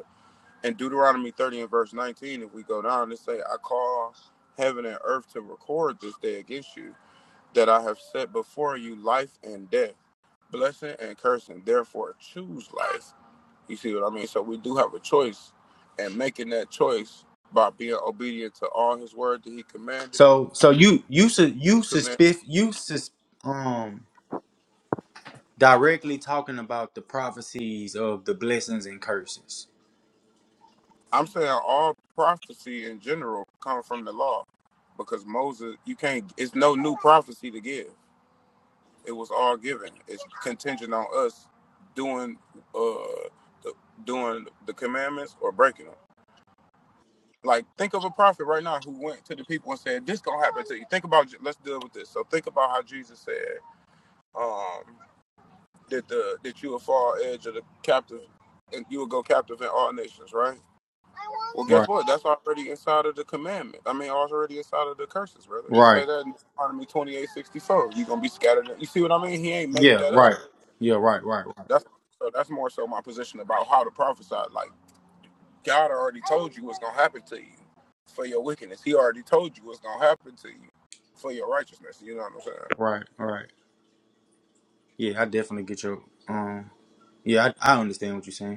in Deuteronomy 30 and verse 19, if we go down, it say, I call heaven and earth to record this day against you, that I have set before you life and death, blessing and cursing. Therefore, choose life. You see what I mean? So we do have a choice, and making that choice by being obedient to all his word that he commanded me. So so you you su- you Command. suspect you sus- um directly talking about the prophecies of the blessings and curses. I'm saying all prophecy in general comes from the law, because Moses, you can't. It's no new prophecy to give. It was all given. It's contingent on us doing uh the, doing the commandments or breaking them. Like think of a prophet right now who went to the people and said, "This gonna happen to you." Think about. Let's deal with this. So think about how Jesus said um, that the that you will fall edge of the captive, and you will go captive in all nations, right? Well, guess Right. what? That's already inside of the commandment. I mean, already inside of the curses, brother. It Right. say that in Deuteronomy twenty eight sixty four. You're gonna be scattered. You see what I mean? He ain't make Yeah, that up. right. Yeah, right, right, right, That's so. That's more so my position about how to prophesy. Like God already told you what's gonna happen to you for your wickedness. He already told you what's gonna happen to you for your righteousness. You know what I'm saying? right, right. Yeah, I definitely get your um yeah, I, I understand what you're saying.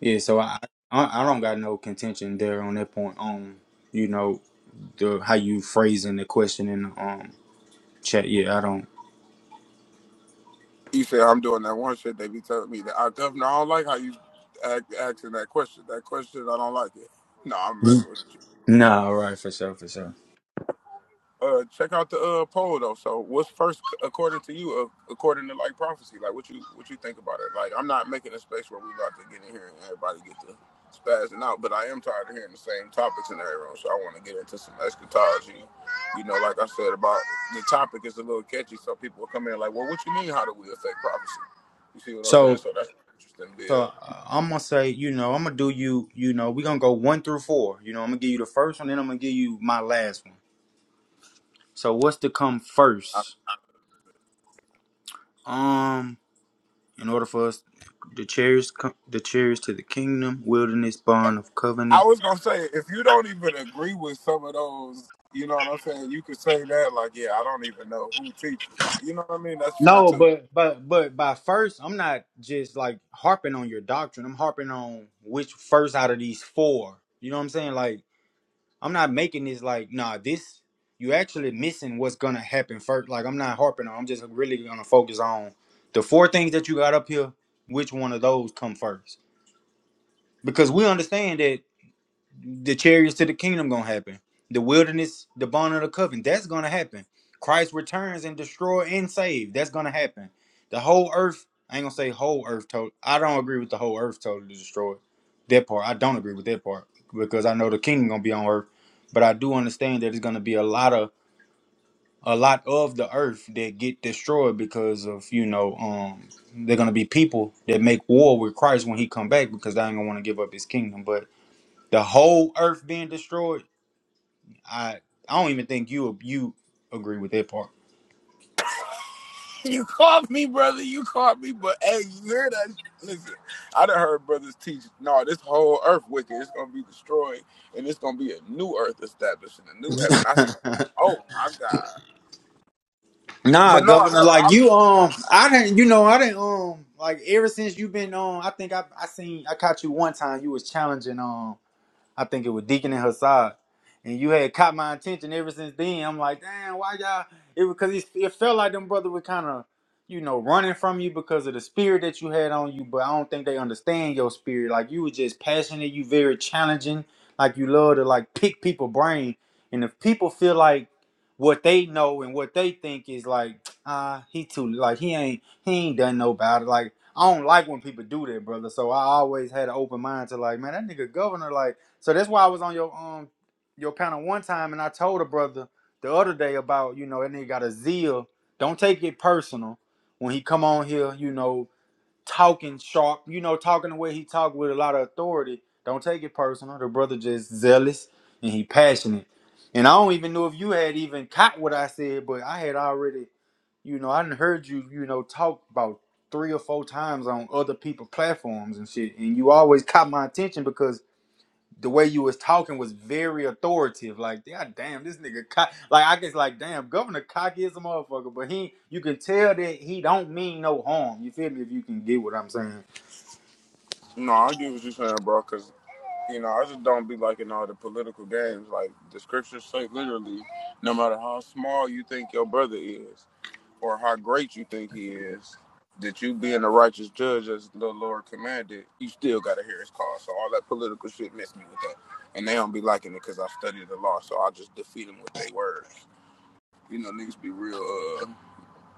Yeah, so I, I I don't got no contention there on that point. Um, you know, the how you phrasing the question in the um chat. Yeah, I don't. He said, "I'm doing that one shit." They be telling me that I governor. I don't like how you act, asking that question. That question, I don't like it. No, I'm Mm. messing with. you. Nah, right for sure, for sure. uh check out the uh poll though. So what's first according to you, uh, according to like prophecy? Like what you what you think about it? Like I'm not making a space where we about to get in here and everybody get to spazzing out, but I am tired of hearing the same topics in every room. So I want to get into some eschatology. You know, like I said about the topic is a little catchy, so people will come in like, well, what you mean? How do we affect prophecy? You see what I'm saying? So So that's interesting, so Bill. uh, I'm gonna say, you know, I'm gonna do you. You know, we gonna go one through four. You know, I'm gonna give you the first one, then I'm gonna give you my last one. So what's to come first? Um, in order for us, the chairs, co- the chairs to the kingdom, wilderness, barn of I covenant. was gonna say, if you don't even agree with some of those, you know what I'm saying? You could say that, like, yeah, I don't even know who teaches it. You know what I mean? That's fair No, too. [laughs] but but but by first, I'm not just like harping on your doctrine. I'm harping on which first out of these four. You know what I'm saying? Like I'm not making this like nah. This you actually missing what's gonna happen first. Like I'm not harping on. I'm just really gonna focus on the four things that you got up here. Which one of those come first? Because we understand that the chariots to the kingdom gonna happen. The wilderness, the bond of the covenant, that's gonna happen. Christ returns and destroy and save. That's gonna happen. The whole earth, I ain't gonna say whole earth total. I don't agree with the whole earth totally destroyed. That part, I don't agree with that part because I know the kingdom gonna be on earth, but I do understand that it's gonna be a lot of a lot of the earth that get destroyed because of you know um they're gonna be people that make war with Christ when he come back because they ain't gonna want to give up his kingdom. But the whole earth being destroyed. I I don't even think you you agree with that part. You caught me, brother. You caught me, but hey, you hear that? Listen, I done heard brothers teach. No, this whole earth wicked. It's gonna be destroyed, and it's gonna be a new earth established in a new heaven. I said, oh my god. [laughs] nah, But no, governor, so like I'm you just um I didn't you know, I didn't um like ever since you've been on I think I I seen I caught you one time you was challenging um I think it was Deacon and Hassad. And you had caught my attention ever since then. I'm like, damn, why y'all? It was because it, it felt like them brother were kind of, you know, running from you because of the spirit that you had on you. But I don't think they understand your spirit. Like you were just passionate. You very challenging. Like you love to like pick people brain. And if people feel like what they know and what they think is like, [tsk] ah, he too like he ain't he ain't done no about it. Like I don't like when people do that, brother. So I always had an open mind to like, man, that nigga governor like. So that's why I was on your um your panel one time, and I told a brother the other day about you know that nigga got a zeal. Don't take it personal when he come on here, you know, talking sharp, you know, talking the way he talk with a lot of authority. Don't take it personal. The brother just zealous and he passionate. And I don't even know if you had even caught what I said, but I had already, you know, I did heard you, you know, talk about three or four times on other people platforms and shit. And you always caught my attention because the way you was talking was very authoritative. Like, God damn, this nigga cock. Like, I guess, like, damn, Governor Cocky is a motherfucker, but he, you can tell that he don't mean no harm. You feel me? If you can get what I'm saying? no. I get what you're saying, bro. because. you know, I just don't be liking all the political games. Like the scriptures say, literally, no matter how small you think your brother is or how great you think he is, that you being a righteous judge as the Lord commanded, you still got to hear his call. So all that political shit messed me with that, and they don't be liking it because I studied the law. So I just defeat them with their words. You know, niggas be real uh,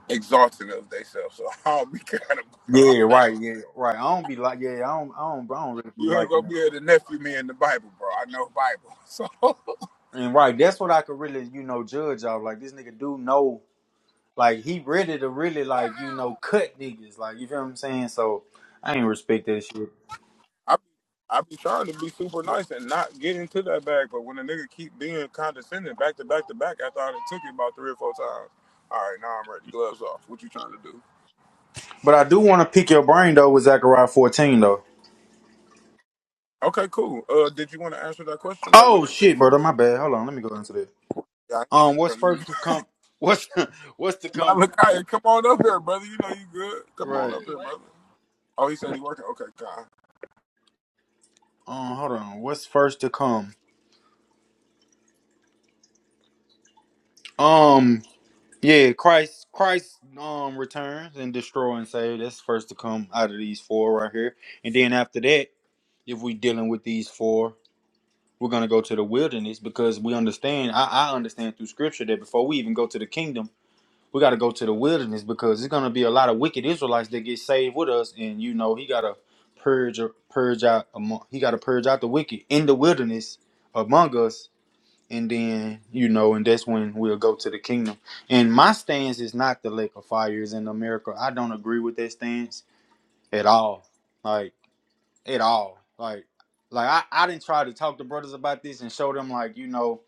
exalting of themselves. So [laughs] I don't be kind of about [laughs] all Yeah, that. right. Yeah, right. I don't be like, yeah, I don't, I don't, I don't really be You ain't gonna liking it. be able to nephew me in the Bible, bro. I know Bible, so. And right, that's what I could really, you know, judge off. Like, this nigga do know, like, he ready to really, like, you [laughs] know, cut niggas. Like, you feel what I'm saying? So, I ain't respect that shit. I I be trying to be super nice and not get into that bag, but when a nigga keep being condescending back to back to back, after I done took it about three or four times. All right, now I'm ready. Gloves off. What you trying to do? But I do want to pick your brain though with Zechariah 14 though. Okay, cool. Uh, did you want to answer that question? Like, Oh what you think shit, brother, first? my bad. Hold on, let me go into that. Yeah, I Um, think, what's brother. first to come? What's [laughs] what's to [laughs] come? Malachi, come on up here, brother. You know you good. Come on Right. up here, brother. Oh, he said he working. Okay, God. Um, hold on. What's first to come? Um, yeah, Christ, Christ, um, returns and destroy and save. That's first to come out of these four right here. And then after that, if we dealing with these four, we're gonna go to the wilderness because we understand. I, I understand through scripture that before we even go to the kingdom, we got to go to the wilderness because there's going to be a lot of wicked Israelites that get saved with us, and you know he got to purge purge out among he got to purge out the wicked in the wilderness among us, and then you know, and that's when we'll go to the kingdom. And my stance is not the lake of fire is in America. I don't agree with that stance at all, like at all, like like I I didn't try to talk to brothers about this and show them like you know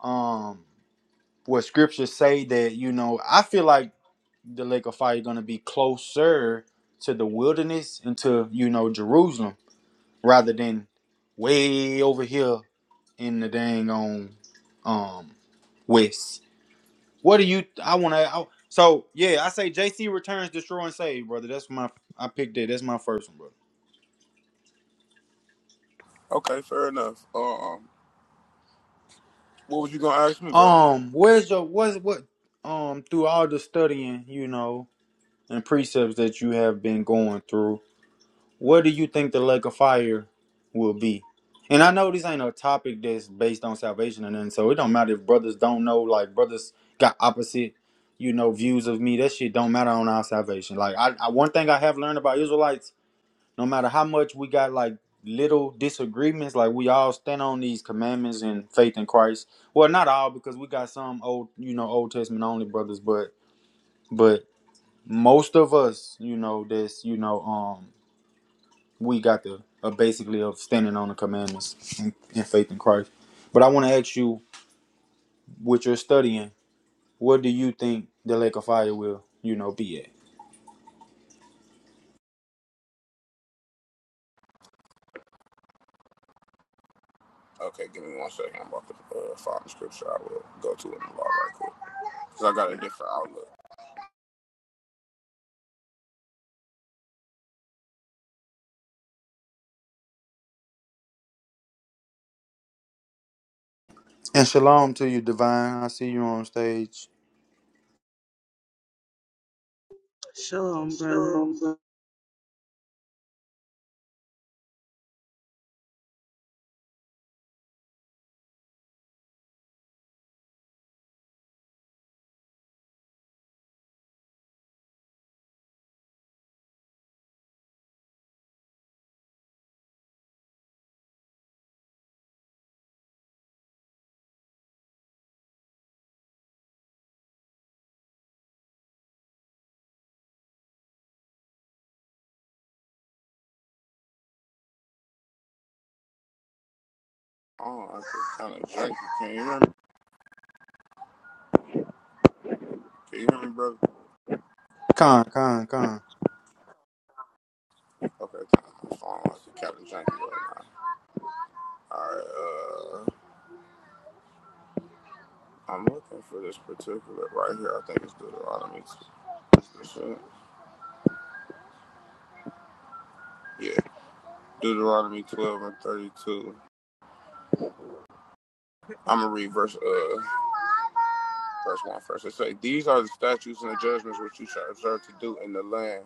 um what scriptures say that you know I feel like the lake of fire going to be closer to the wilderness and to you know Jerusalem rather than way over here in the dang on um west. What do you? I want to. So yeah, I say JC returns, destroy and save, brother. That's my I picked it. That's my first one, brother. Okay, fair enough. Um, what was you gonna ask me, brother? Um, where's your what's what? Um, through all the studying, you know, and precepts that you have been going through. Where do you think the lake of fire will be? And I know this ain't a topic that's based on salvation or nothing, so it don't matter if brothers don't know, like brothers got opposite, you know, views of me. That shit don't matter on our salvation. Like I, I one thing I have learned about Israelites, no matter how much we got like little disagreements, like we all stand on these commandments and faith in Christ. Well, not all because we got some old, you know, Old Testament only brothers, but but most of us, you know, this, you know, um we got the uh, basically of standing on the commandments and, and faith in Christ. But I want to ask you, what you're studying, what do you think the lake of fire will, you know, be at? Okay, give me one second. I'm about to uh, find the scripture. I will go to it in a while right quick because I got a different outlook. And shalom to you, divine. I see you on stage. Shalom, brother. Oh, like a kind of [laughs] janky. Can you hear me? Can you hear me, brother? Con, con, con. Okay, kind of phone like janky right now. All right, uh, I'm looking for this particular right here. I think it's Deuteronomy. Yeah, Deuteronomy 12 and 32. I'm gonna read verse uh verse one first. It say, "These are the statutes and the judgments which you shall observe to do in the land."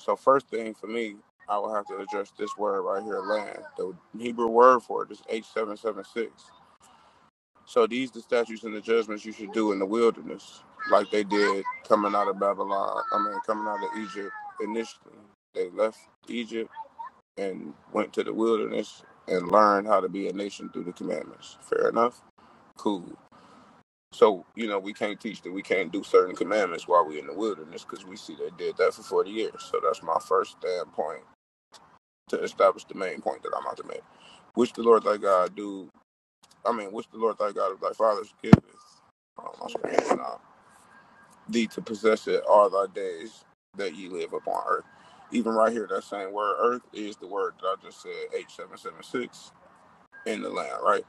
So first thing for me, I will have to address this word right here, land. The Hebrew word for it is H seven seven six. So these the statutes and the judgments you should do in the wilderness, like they did coming out of Babylon. I mean, coming out of Egypt initially, they left Egypt and went to the wilderness and learned how to be a nation through the commandments. Fair enough. Cool. So you know we can't teach that we can't do certain commandments while we're in the wilderness because we see they did that for forty years. So that's my first standpoint to establish the main point that I'm about to make, which the Lord thy God do I mean, which the Lord thy God of thy fathers giveth um, uh, thee to possess it all thy days that ye live upon earth. Even right here, that same word earth is the word that I just said, H776, in the land, right?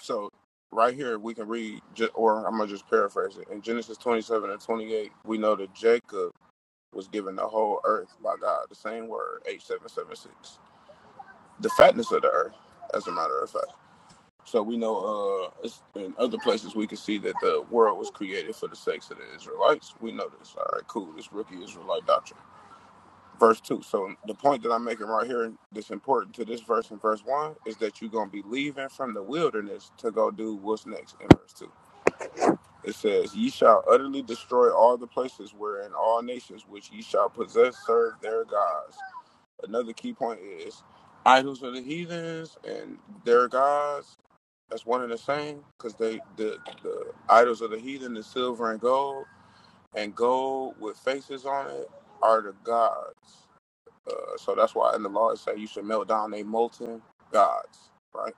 So, right here, we can read, or I'm going to just paraphrase it. In Genesis 27 and 28, we know that Jacob was given the whole earth by God, the same word, H776, the fatness of the earth, as a matter of fact. So we know uh, in other places we can see that the world was created for the sakes of the Israelites. We know this. All right, cool. This rookie Israelite doctrine. Verse 2. So the point that I'm making right here that's important to this verse in verse 1 is that you're going to be leaving from the wilderness to go do what's next in verse 2. It says, Ye shall utterly destroy all the places wherein all nations which ye shall possess serve their gods. Another key point is idols of the heathens and their gods that's one and the same, because they the the idols of the heathen the silver and gold, and gold with faces on it are the gods. Uh, so that's why in the law it say you should melt down they molten gods, right?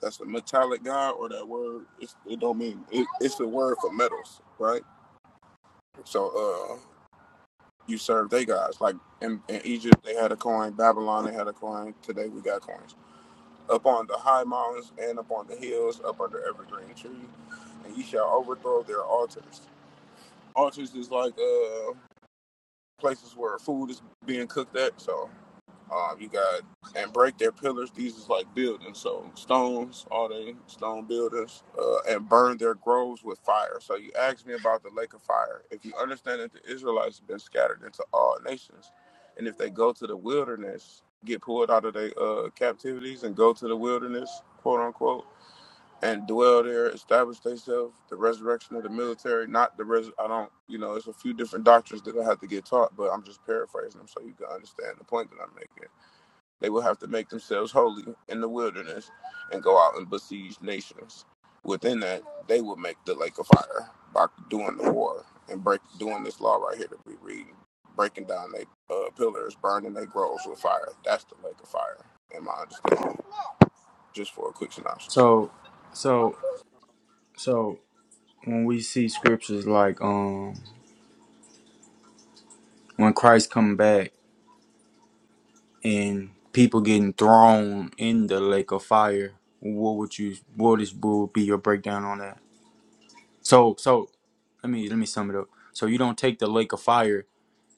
That's the metallic god or that word. It's, it don't mean it, it's the word for metals, right? So uh, you serve they gods. Like in, in Egypt, they had a coin. Babylon, they had a coin. Today we got coins. up on the high mountains and up on the hills, up under every green tree, and ye shall overthrow their altars. Altars is like uh places where food is being cooked at. So um, you got and break their pillars. These is like buildings, so stones, all they stone buildings, uh, and burn their groves with fire. So you asked me about the lake of fire. If you understand that the Israelites have been scattered into all nations, and if they go to the wilderness, get pulled out of their uh, captivities and go to the wilderness, quote unquote, and dwell there, establish themselves, the resurrection of the military, not the res. I don't, you know, it's a few different doctrines that I have to get taught, but I'm just paraphrasing them so you can understand the point that I'm making they will have to make themselves holy in the wilderness and go out and besiege nations. Within that, they will make the lake of fire by doing the war and break doing this law right here that we read, breaking down their uh, pillars, burning their groves with fire. That's the lake of fire, in my understanding. Just for a quick synopsis. So, so, so when we see scriptures like um when Christ come back and people getting thrown in the lake of fire, what would you, what is, what would be your breakdown on that? So, so let me let me sum it up. So you don't take the lake of fire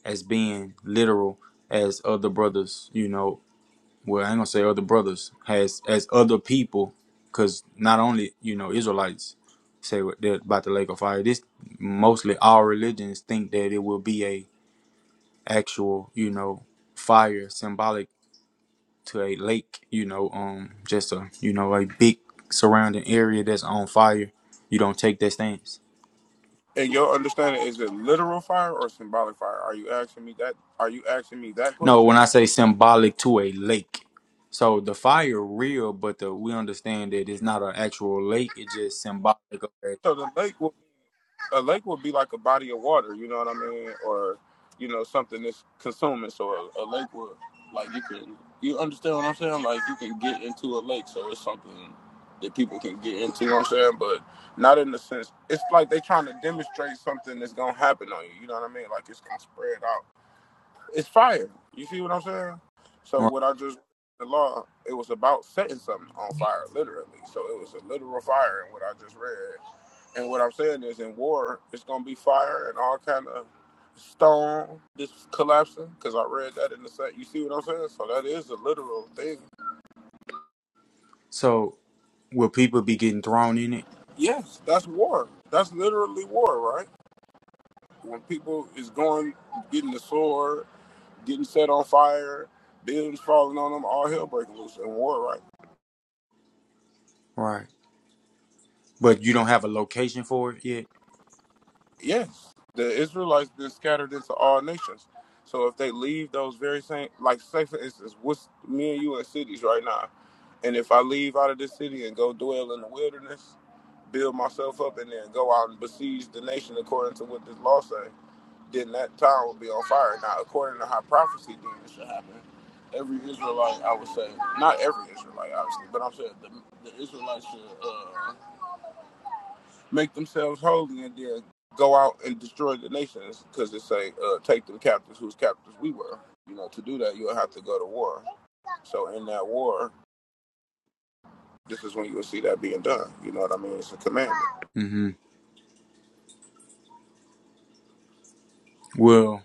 as being literal as other brothers, you know. Well, I ain't gonna say other brothers has as other people, because not only you know Israelites say what they're about the lake of fire. This mostly all religions think that it will be a actual you know fire symbolic to a lake, you know, um, just a you know a big surrounding area that's on fire. You don't take that stance. And your understanding is it literal fire or symbolic fire? Are you asking me that? Are you asking me that No, when question? I say symbolic to a lake. So the fire real, but the we understand that it's not an actual lake, it's just symbolic of it. So the lake will a lake would be like a body of water, you know what I mean, or you know something that's consuming. So a, a lake would like you can you understand what I'm saying? Like you can get into a lake, so it's something that people can get into. You know what I'm saying, but not in the sense it's like they trying to demonstrate something that's gonna happen on you. You know what I mean? Like it's gonna spread out. It's fire. You see what I'm saying? So Right. what I just the law, it was about setting something on fire, literally. So it was a literal fire, in what I just read and what I'm saying is, in war, it's gonna be fire and all kind of stone just collapsing. Because I read that in the set. You see what I'm saying? So that is a literal thing. So will people be getting thrown in it? Yes, that's war. That's literally war, right? When people is going, getting the sword, getting set on fire, buildings falling on them, all hell breaking loose in war, right. Right. But you don't have a location for it yet? Yes, the Israelites been scattered into all nations. So if they leave those very same, like say for instance, what's me and you in cities right now, and if I leave out of this city and go dwell in the wilderness, build myself up, and then go out and besiege the nation according to what this law say, then that town will be on fire. Now, according to how prophecy, then it should happen. Every Israelite, I would say, not every Israelite, obviously, but I'm saying the, the Israelites should. Uh, make themselves holy and then go out and destroy the nations because they say uh, take them captives whose captives we were you know to do that you'll have to go to war so in that war this is when you'll see that being done you know what i mean it's a commandment Mm-hmm. Well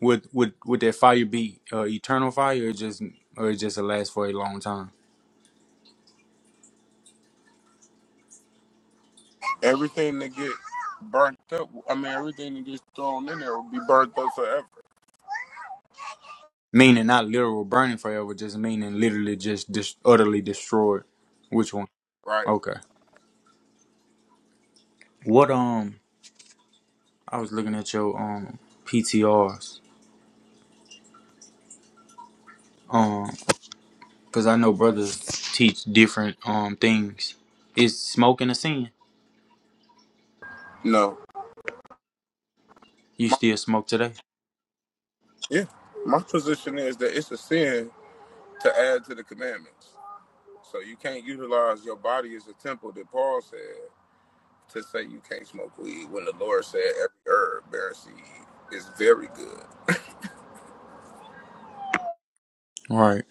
would would would that fire be uh, eternal fire or just or it just last for a long time? everything that gets burnt up i mean everything that gets thrown in there will be burnt up forever Meaning not literal burning forever, just meaning literally just dis- utterly destroyed. Which one? right Okay. What um I was looking at your um PTRs. Um, cause I know brothers teach different um things. Is smoking a sin? no You my, still smoke today, yeah my position is that it's a sin to add to the commandments so you can't utilize your body as a temple that paul said to say you can't smoke weed when the Lord said every herb bears seed is very good. right?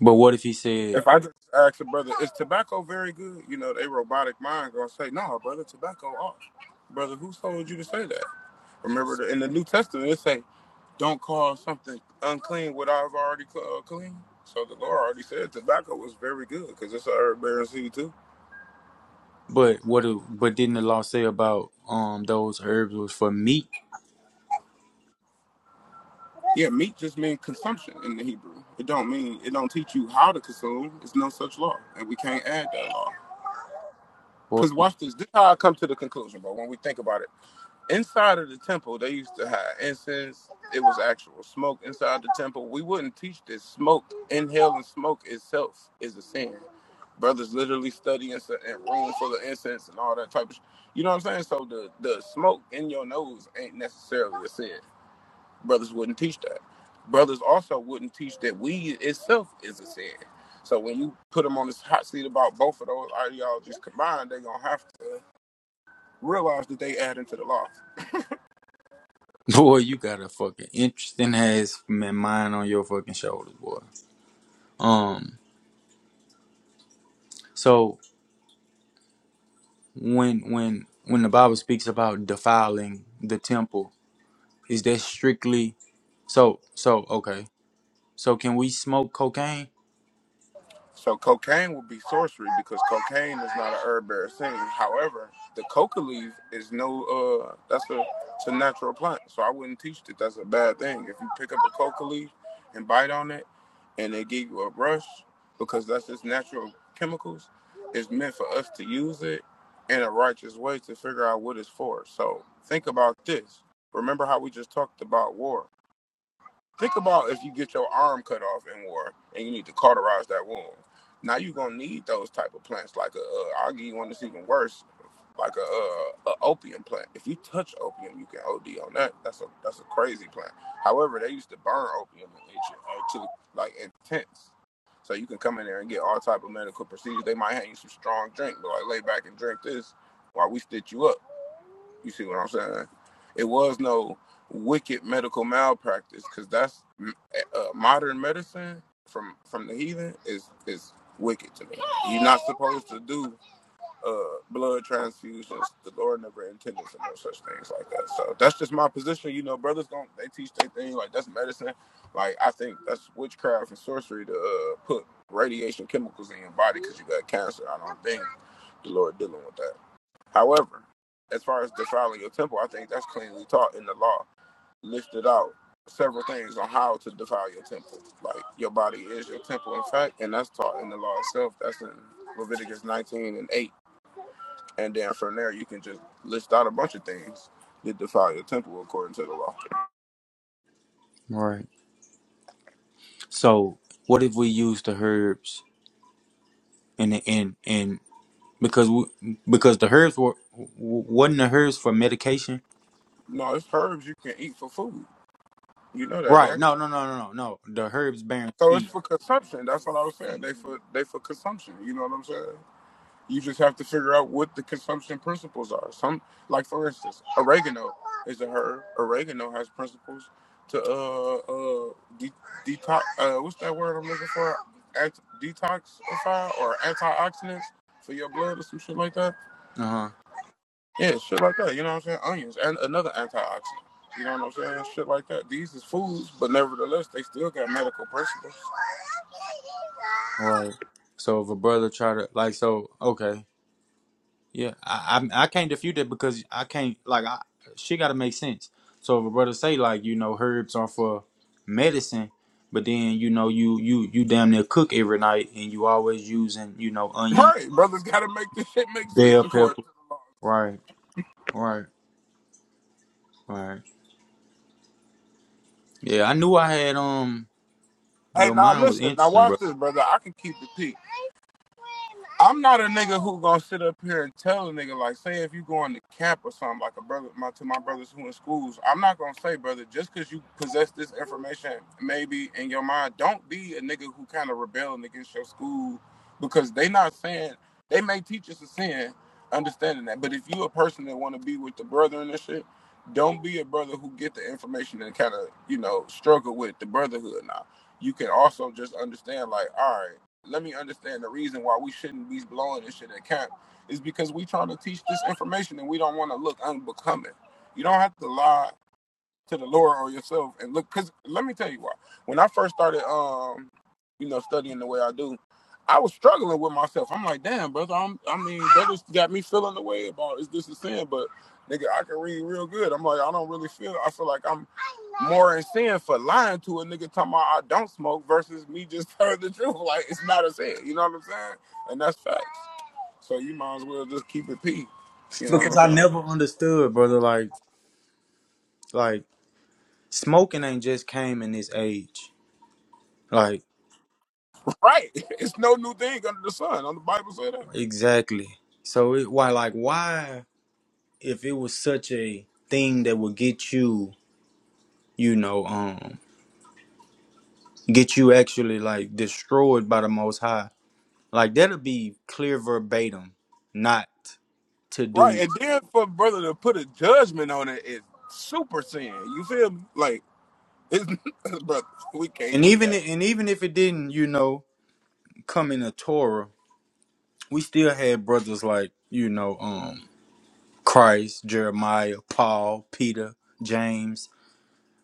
But what if he said, If I just ask a brother, is tobacco very good? You know, they robotic mind gonna say, no, brother, tobacco off. Brother, who told you to say that? Remember, the, in the New Testament, it say, don't call something unclean what I've already uh, clean. So the Lord already said tobacco was very good because it's a herb bearing seed too. but what? If, but didn't the law say about um those herbs was for meat? Yeah, meat just means consumption in the Hebrew. It don't mean it don't teach you how to consume. It's no such law, and we can't add that law. Boy, Because watch this. This is how I come to the conclusion, bro. When we think about it, inside of the temple, they used to have incense. It was actual smoke inside the temple. We wouldn't teach this. Smoke, inhaling smoke itself is a sin. Brothers literally studying in a room full of incense and all that type of. Sh- you know what I'm saying? So the the smoke in your nose ain't necessarily a sin. Brothers wouldn't teach that. Brothers also wouldn't teach that weed itself is a sin. So when you put them on this hot seat about both of those ideologies combined, they're gonna have to realize that they add into the law. [laughs] boy, you got a fucking interesting ass man- mind on your fucking shoulders, boy. Um, so when when when the Bible speaks about defiling the temple, is that strictly so? So okay, So can we smoke cocaine? So cocaine would be sorcery because cocaine is not a herb bearer thing. However, the coca leaf is no uh that's a it's a natural plant. So I wouldn't teach that that's a bad thing. If you pick up a coca leaf and bite on it and they give you a rush because that's just natural chemicals, it's meant for us to use it in a righteous way to figure out what it's for. So think about this. Remember how we just talked about war Think about if you get your arm cut off in war and you need to cauterize that wound. Now you're gonna need those type of plants. Like a, uh, I'll give you one that's even worse, like a, uh, a opium plant. If you touch opium, you can OD on that. That's a that's a crazy plant. However, they used to burn opium in Egypt art like in tents. So you can come in there and get all type of medical procedures. They might hand you some strong drink, but like lay back and drink this while we stitch you up. You see what I'm saying? It was no wicked medical malpractice because that's uh, modern medicine from from the heathen is is wicked to me. You're not supposed to do uh, blood transfusions. The Lord never intended for no such things like that. So that's just my position. You know, brothers don't they teach their thing like that's medicine. Like I think that's witchcraft and sorcery to uh, put radiation chemicals in your body because you got cancer. I don't think the Lord dealing with that. However, as far as defiling your temple, I think that's cleanly taught in the law, listed out several things on how to defile your temple. Like your body is your temple, in fact, and that's taught in the law itself. That's in Leviticus 19 and 8. And then from there, you can just list out a bunch of things that defile your temple according to the law. Right. So what if we use the herbs and the and and because we, because the herbs were w- wasn't the herbs for medication? No, it's herbs you can eat for food. You know that, Right. right? No. No. No. No. No. No. The herbs bearing So it's seed. for consumption. That's what I was saying. They for they for consumption. You know what I'm saying? You just have to figure out what the consumption principles are. Some, like for instance, oregano is a herb. Oregano has principles to uh uh de- detox. Uh, what's that word I'm looking for? Ant- detoxify or antioxidants for your blood or some shit like that. Uh huh. Yeah, shit like that. You know what I'm saying? Onions and another antioxidant. You know what I'm saying? Shit like that. These is foods, but nevertheless, they still got medical principles. Right. So if a brother try to like so okay Yeah, I I, I can't defute that because I can't like I she got to make sense. So if a brother say like you know herbs are for medicine, but then you know you you you damn near cook every night and you always using you know onion, Right, brothers. Got to make this shit make sense bell according to pepper. the law. Right, right, right. Yeah, I knew I had um Hey, your now mind was listen, now interesting, bro. watch this, brother. I can keep the peace. I'm not a nigga who gonna sit up here and tell a nigga like, say if you going to camp or something like a brother, my to my brothers who in schools, I'm not gonna say brother just because you possess this information maybe in your mind, don't be a nigga who kind of rebelling against your school because they not saying they may teach us a sin, understanding that, but if you a person that want to be with the brother and this shit, don't be a brother who get the information and kind of you know struggle with the brotherhood now. You can also just understand like, all right let me understand the reason why we shouldn't be blowing this shit at camp is because we trying to teach this information and we don't want to look unbecoming. You don't have to lie to the Lord or yourself and look. Cause let me tell you why. When I first started, um, you know, studying the way I do, I was struggling with myself. I'm like, damn, brother. I'm, I mean, that just got me feeling the way about is this a sin? But nigga, I can read real good. I'm like, I don't really feel. I feel like I'm more in sin for lying to a nigga talking about I don't smoke versus me just [laughs] telling the truth. Like it's not a sin. You know what I'm saying? And that's facts. So you might as well just keep it P. You know what I'm Because I saying? never understood, brother. Like like smoking ain't just came in this age. Like Right. [laughs] It's no new thing under the sun. On the Bible said that. exactly. So it, why like why? if it was such a thing that would get you, you know, um, get you actually like destroyed by the Most High, like that'll be clear verbatim, not to Right, do. and then for brother to put a judgment on it is super sin. You feel me? Like, it's, [laughs] brother, we can't And do even that. and even if it didn't, you know, come in the Torah, we still had brothers like you know, um, Christ, Jeremiah, Paul, Peter, James.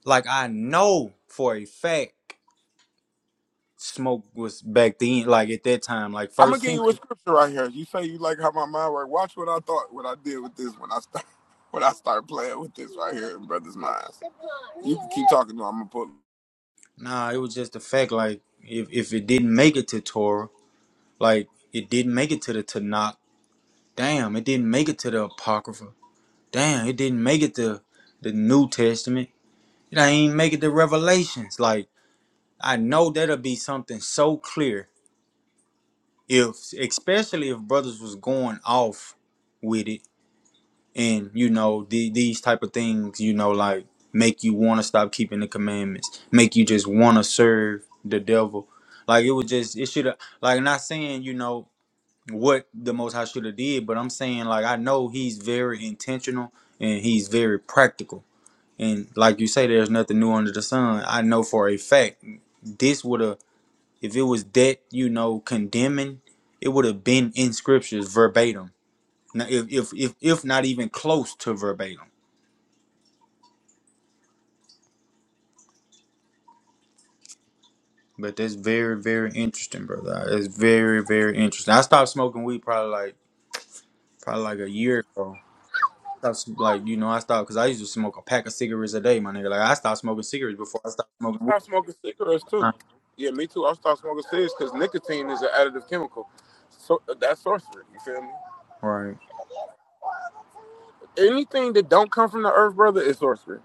Like I know for a fact, smoke was back then, like at that time, like I'm gonna first give you a century. scripture right here. You say you like how my mind works. Watch what I thought, what I did with this when I start, [laughs] when I start playing with this right here in brother's minds. You can keep talking. to him. I'm gonna put. Nah, it was just the fact like if if it didn't make it to Torah, like it didn't make it to the Tanakh. Damn, it didn't make it to the Apocrypha. Damn, it didn't make it to the New Testament. It ain't make it to Revelations. Like I know that'll be something so clear if, especially if brothers was going off with it and you know the, these type of things you know like make you want to stop keeping the commandments make you just want to serve the devil like it was just it should have like not saying you know what the most high should have did but i'm saying like i know he's very intentional and he's very practical and like you say there's nothing new under the sun i know for a fact this would have if it was that you know condemning it would have been in scriptures verbatim now, if, if if if not even close to verbatim But that's very, very interesting, brother. It's very, very interesting. I stopped smoking weed probably like probably like a year ago. I Stopped, like you know, I stopped because I used to smoke a pack of cigarettes a day, my nigga. Like I stopped smoking cigarettes before I stopped smoking weed. Start smoking cigarettes Right, too. Yeah, me too. I start smoking cigarettes because nicotine is an additive chemical. So that's sorcery. You feel me? right. Anything that don't come from the earth, brother, is sorcery.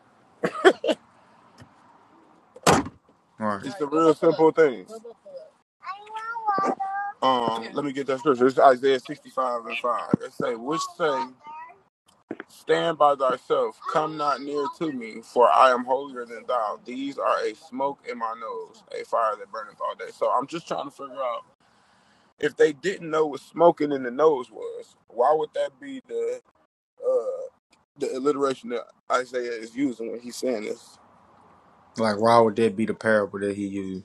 right. It's the real simple things. Um, let me get that scripture. It's Isaiah 65 and 5. It say, which say, Stand by thyself, come not near to me, for I am holier than thou. These are a smoke in my nose, a fire that burneth all day. So I'm just trying to figure out if they didn't know what smoking in the nose was, why would that be the uh the alliteration that Isaiah is using when he's saying this? Like why would that be the parable that he used?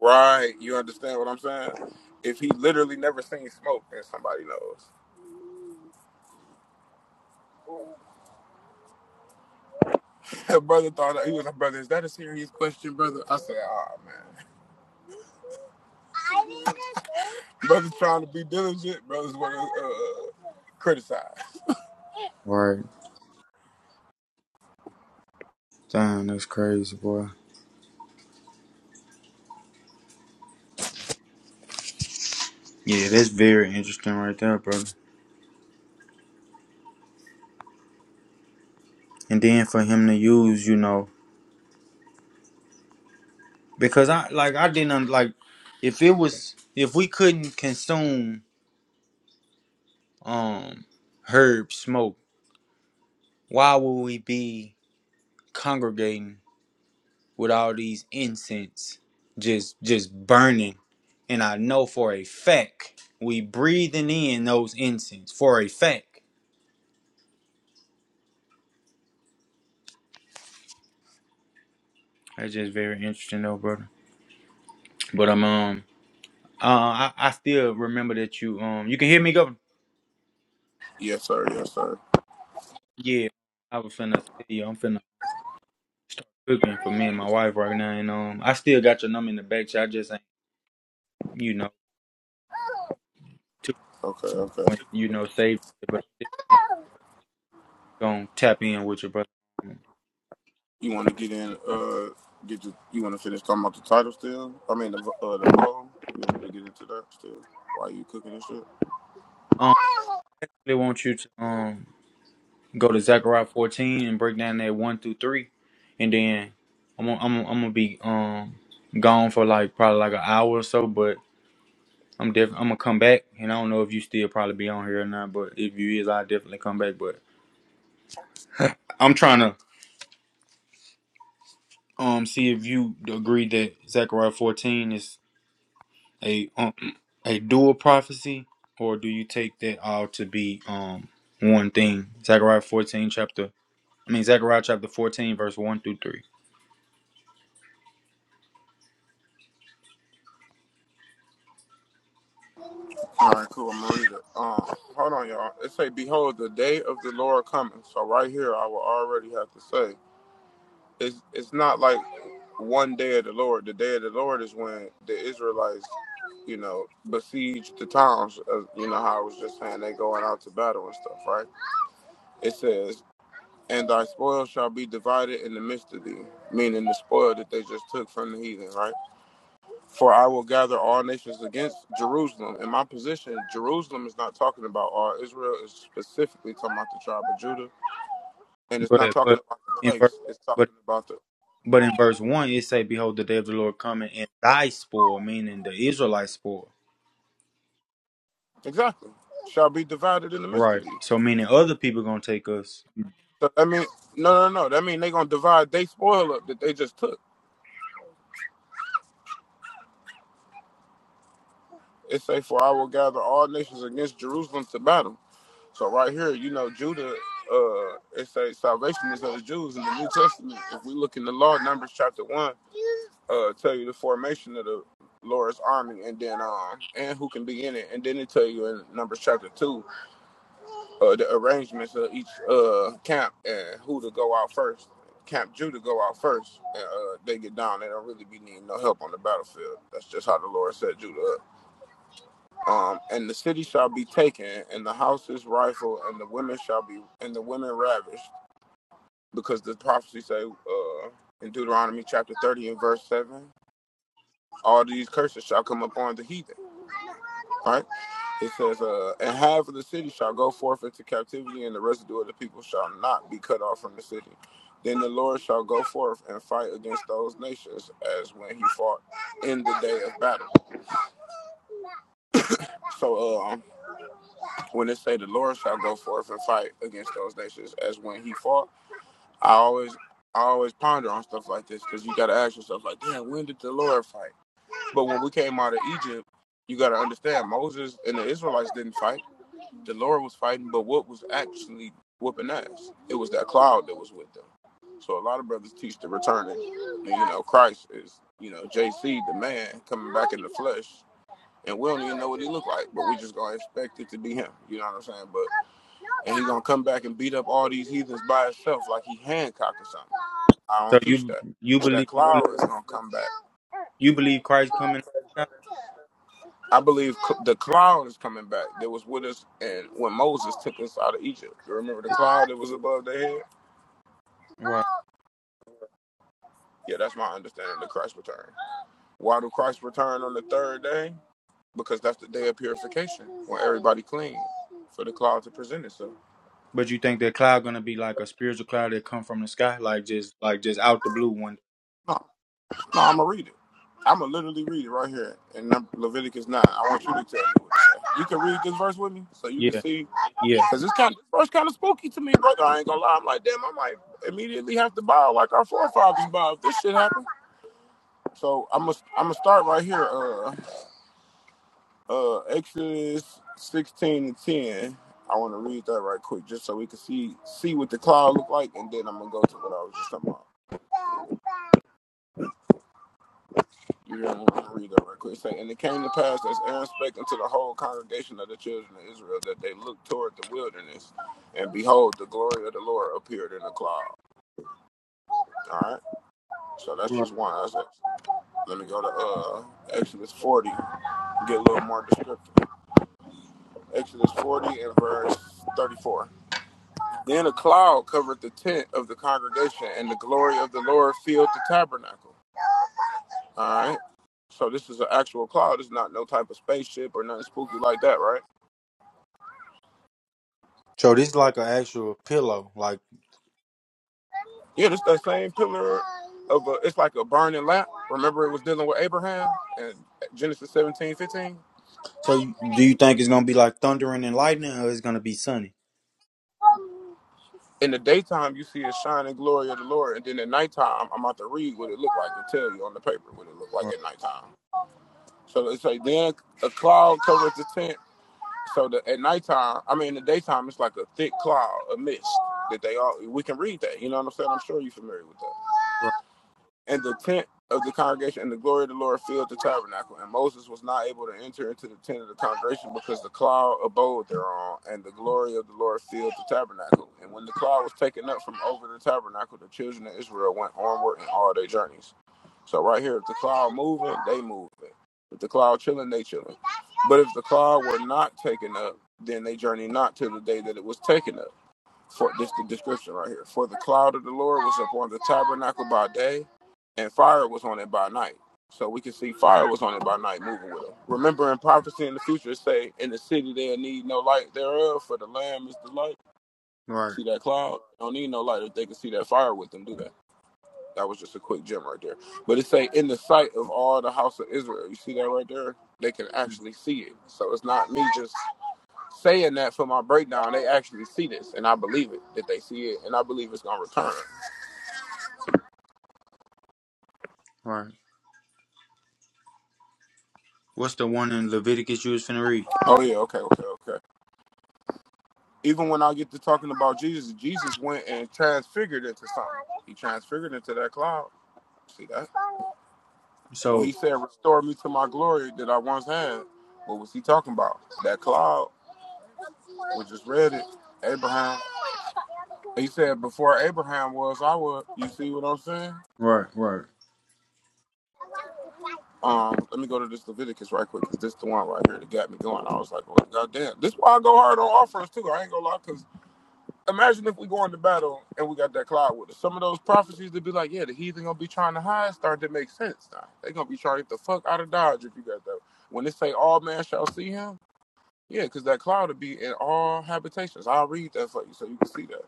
Right. You understand what I'm saying? If he literally never seen smoke, then somebody knows. [laughs] Her brother thought that he was a brother. Is that a serious question, brother? I said, oh man. [laughs] Brother's trying to be diligent. Brother's want to uh, criticize. Right. Damn, that's crazy, boy. Yeah, that's very interesting right there, brother. And then for him to use, you know, because I like I didn't un- like if it was if we couldn't consume um herb smoke Why would we be congregating with all these incense just just burning? And I know for a fact we breathing in those incense for a fact. That's just very interesting though, brother. But I'm um uh I, I still remember that you um you can hear me go. Yes, sir. Yes, sir. Yeah, I was finna tell you I'm finna start cooking for me and my wife right now and um I still got your number in the back so I just ain't you know took Okay. Okay. when you know saved it but I'm still gonna tap in with you brother. You want to get in? Uh, get your, You want to finish talking about the title still? I mean, the uh, the poll. You want to get into that still? Why you cooking and shit? Um, They want you to um go to Zechariah 14 and break down that one through three, and then I'm gonna, I'm gonna, I'm gonna be um gone for like probably like an hour or so, but I'm def- I'm gonna come back, and I don't know if you still probably be on here or not, but if you is, I definitely come back. But I'm trying to um see if you agree that Zechariah 14 is a um, [clears throat] a dual prophecy, or do you take that all to be um one thing? Zechariah 14 chapter, I mean Zechariah chapter 14 verse one through three. All right, cool. I'm gonna read it. Um, hold on, y'all. It say, "Behold, the day of the Lord coming." So right here, I will already have to say, it's it's not like one day of the Lord. The day of the Lord is when the Israelites, you know, besiege the towns. Uh, you know how I was just saying they going out to battle and stuff, right? It says, "And thy spoil shall be divided in the midst of thee," meaning the spoil that they just took from the heathen, right? For I will gather all nations against Jerusalem. In my position, Jerusalem is not talking about all Israel. It's specifically talking about the tribe of Judah, and it's not But talking but about the in verse place. It's but talking about the but in verse one it say, Behold the day of the Lord coming and thy spoil, meaning the Israelite spoil. exactly shall be divided in the midst Right. of thee. So meaning other people gonna take us. So that means no, no, no. That means they are gonna divide they spoil up that they just took. It say, for I will gather all nations against Jerusalem to battle. So right here, you know, Judah, uh, it says salvation is of the Jews in the New Testament. If we look in the law, Numbers chapter one, uh, tell you the formation of the Lord's army, and then um, and who can be in it, and then it tell you in Numbers chapter two, uh, the arrangements of each uh camp and who to go out first. Camp Judah go out first, and uh, they get down. They don't really be needing no help on the battlefield. That's just how the Lord set Judah up. Um, and the city shall be taken, and the houses rifled, and the women shall be, and the women ravished, because the prophecy say uh, in Deuteronomy chapter thirty and verse seven, all these curses shall come upon the heathen. Right? It says, uh, and half of the city shall go forth into captivity, and the residue of the people shall not be cut off from the city. Then the Lord shall go forth and fight against those nations, as when he fought in the day of battle. So, um, when it say the Lord shall go forth and fight against those nations as when he fought, I always I always ponder on stuff like this because you gotta ask yourself like, damn, when did the Lord fight? But when we came out of Egypt, you gotta understand Moses and the Israelites didn't fight. The Lord was fighting, but what was actually whooping ass? It was that cloud that was with them. So a lot of brothers teach the returning. And, you know, Christ is, you know, JC, the man coming back in the flesh and we don't even know what he looked like, but we just gonna expect it to be him. You know what I'm saying? But and he's gonna come back and beat up all these heathens by himself like he Hancock or something. I So don't teach you that. you That believe you believe, cloud is gonna come back. you believe Christ coming out of I believe the cloud is coming back. That was with us, and when Moses took us out of Egypt, you remember the the sky? cloud that was above their head? Right. Yeah, that's my understanding of Christ's return. Why do Christ return on the third day? because that's the day of purification when everybody clean for the cloud to present itself. But you think that cloud gonna be like a spiritual cloud that come from the sky, like just like just out the blue one. No, no, I'm gonna read it. I'm gonna literally read it right here in Leviticus nine. I want you to tell me. What it says. you can read this verse with me, so you can Yeah, see, yeah. because this kind of verse kind of spooky to me, brother. I ain't gonna lie. I'm like, damn, I might immediately have to bow like our forefathers bow if this shit happened. So I'm gonna I'm gonna start right here. Uh, Uh, Exodus 16 and 10. I want to read that right quick just so we can see see what the cloud looked like, and then I'm going to go to what I was just talking about. You don't want to read that right quick. Say, and it came to pass as Aaron spake unto the whole congregation of the children of Israel that they looked toward the wilderness, and behold, the glory of the Lord appeared in the cloud. All right, so that's Right. just one. That's it. Let me go to uh Exodus 40, get a little more descriptive. Exodus 40 and verse 34. Then a cloud covered the tent of the congregation, and the glory of the Lord filled the tabernacle. All right. So this is an actual cloud. It's not no type of spaceship or nothing spooky like that, right? So this is like an actual pillow. Like Yeah, it's that same pillar of a, it's like a burning lamp. Remember, it was dealing with Abraham and Genesis 17 15. so you, do you think it's gonna be like thundering and lightning or it's gonna be sunny? In the daytime, you see a shining glory of the Lord, and then at nighttime, I'm about to read what it looked like and tell you on the paper what it looked like Right. at nighttime. So it's like then a cloud covers the tent. So the, at nighttime, I mean, in the daytime, it's like a thick cloud, a mist that they all. We can read that. You know what I'm saying? I'm sure you're familiar with that. Right. And the tent of the congregation and the glory of the Lord filled the tabernacle. And Moses was not able to enter into the tent of the congregation because the cloud abode thereon, and the glory of the Lord filled the tabernacle. And when the cloud was taken up from over the tabernacle, the children of Israel went onward in all their journeys. So right here, if the cloud moving, they moving. If the cloud chilling, they chilling. But if the cloud were not taken up, then they journey not till the day that it was taken up. For this the description right here. For the cloud of the Lord was upon the tabernacle by day, and fire was on it by night. So we can see fire was on it by night, moving with it. Remember in prophecy in the future, say in the city they'll need no light thereof, for the Lamb is the light. Right. See that cloud? Don't need no light if they can see that fire with them. Do that. That was just a quick gem right there. But it say in the sight of all the house of Israel. You see that right there? They can actually see it. So it's not me just saying that for my breakdown, they actually see this, and I believe it that they see it, and I believe it's gonna return. Right. What's the one in Leviticus you was finna read? Oh yeah, okay, okay, okay. Even when I get to talking about Jesus, Jesus went and transfigured into something. He transfigured into that cloud. See that? When he So said, "Restore me to my glory that I once had," what was he talking about? That cloud. We just read it. Abraham. He said, "Before Abraham was, I was." You see what I'm saying? right, right, Um, let me go to this Leviticus right quick because this is the one right here that got me going. I was like, well, goddamn. This is why I go hard on offense too. I ain't gonna lie, because imagine if we go into battle and we got that cloud with us. Some of those prophecies that be like, yeah, the heathen gonna be trying to hide start to make sense now. They gonna be trying to get the fuck out of Dodge if you got that. When they say all man shall see him, yeah, because that cloud will be in all habitations. I'll read that for you so you can see that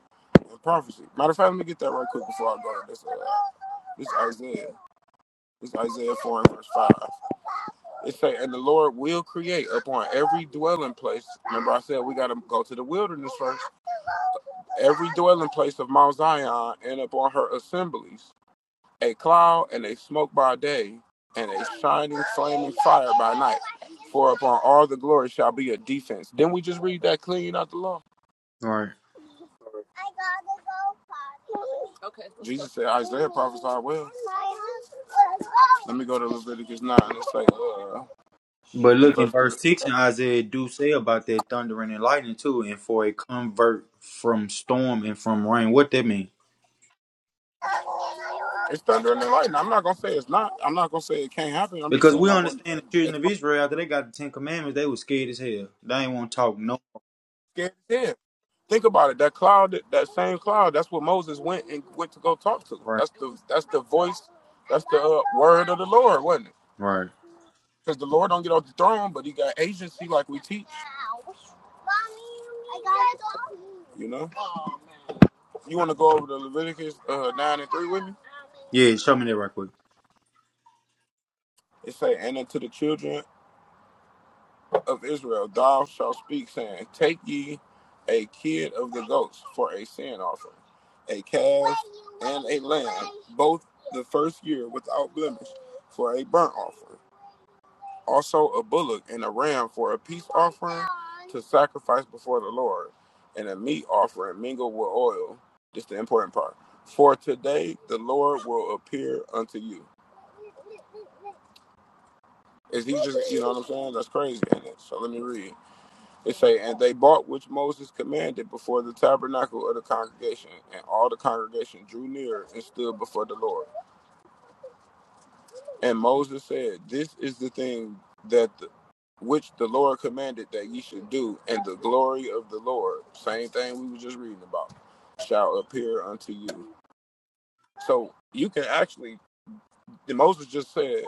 in prophecy. Matter of fact, let me get that right quick before I go. This, uh, this Isaiah. This Isaiah 4 and verse 5. It say, and the Lord will create upon every dwelling place. Remember, I said we got to go to the wilderness first. Every dwelling place of Mount Zion and upon her assemblies, a cloud and a smoke by day, and a shining flaming fire by night. For upon all the glory shall be a defense. Didn't we just read that clean out the law? right. I gotta go, Father. Okay. Jesus said Isaiah prophesied well. Let me go to Leviticus 9 and say, uh, But in look in verse 3. verse six in Isaiah do say about that thundering and lightning too, and for a convert from storm and from rain. What that mean? It's thundering and lightning. I'm not gonna say it's not. I'm not gonna say it can't happen. I'm just Because saying we I wasn't understand the as children of Israel after they got the Ten Commandments, they was scared as hell. They ain't want to talk no scared as hell. Think about it. That cloud, that that same cloud. That's what Moses went and went to go talk to. right, That's the that's the voice. That's the uh, word of the Lord, wasn't it? right. Because the Lord don't get off the throne, but he got agency like we teach. You know. You want to go over to Leviticus uh, nine and three with me? Yeah, show me that right quick It say, and unto the children of Israel, thou shalt speak, saying, Take ye a kid of the goats for a sin offering, a calf and a lamb, both the first year without blemish, for a burnt offering. Also a bullock and a ram for a peace offering to sacrifice before the Lord, and a meat offering mingled with oil. This is the important part. For today the Lord will appear unto you. Is he just, you know what I'm saying? That's crazy. ain't it? So let me read. It say, and they bought which Moses commanded before the tabernacle of the congregation, and all the congregation drew near and stood before the Lord. And Moses said, This is the thing that the, which the Lord commanded that ye should do, and the glory of the Lord, same thing we were just reading about, shall appear unto you. So you can actually, Moses just said,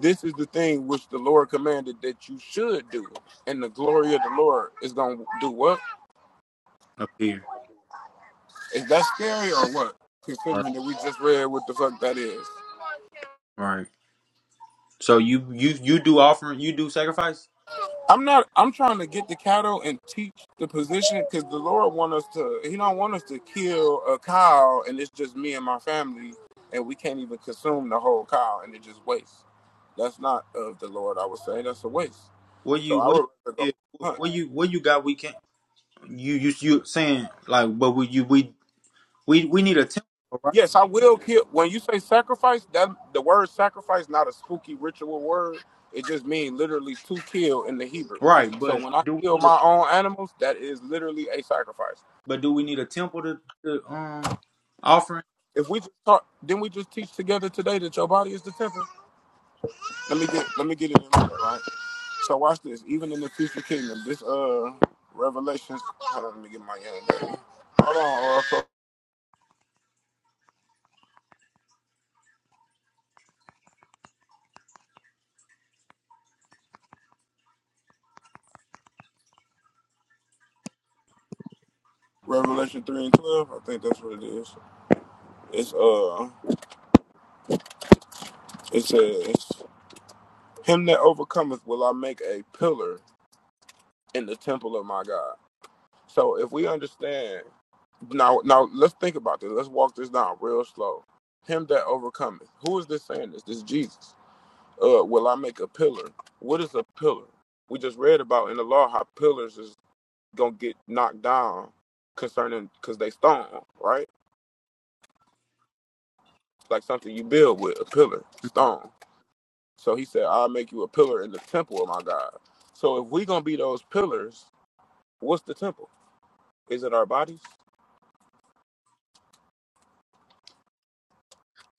This is the thing which the Lord commanded that you should do, and the glory of the Lord is going to do what? up here. Is that scary or what? Right, Considering that we just read what the fuck that is. right. So you you you do offering, you do sacrifice. I'm not. I'm trying to get the cattle and teach the position because the Lord want us to. He don't want us to kill a cow and it's just me and my family and we can't even consume the whole cow and it just waste. That's not of the Lord. I would say that's a waste. What So you I what would rather go you hunt. what you what you got? We can't. you you you saying like, but we you we we we need a temple, right? Yes, I will kill. When you say sacrifice, that the word sacrifice not a spooky ritual word. It just means literally to kill in the Hebrew. Right, So but when I do we kill need a my own animals, that is literally a sacrifice. but do we need a temple to, to um offering? If we just talk, didn't we just teach together today that your body is the temple? Let me get let me get it in order, right? So watch this. Even in the future kingdom, this uh Revelations. Hold on, let me get my young lady. Hold on, uh, so Revelation three and twelve. I think that's what it is. It's uh, it says. Him that overcometh will I make a pillar in the temple of my God. So if we understand now now let's think about this. Let's walk this down real slow. Him that overcometh. Who is this saying this? This is Jesus. Uh will I make a pillar? What is a pillar? We just read about in the law how pillars is gonna get knocked down concerning because they stone, right? Like something you build with, a pillar, stone. So he said, I'll make you a pillar in the temple of my God. So if we gonna be those pillars, what's the temple? Is it our bodies?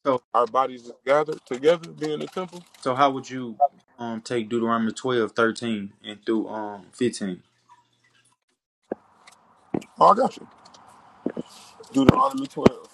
So Our bodies gathered together, being the temple? so how would you um take Deuteronomy 12 13 and through um fifteen? Oh, I got you. Deuteronomy 12.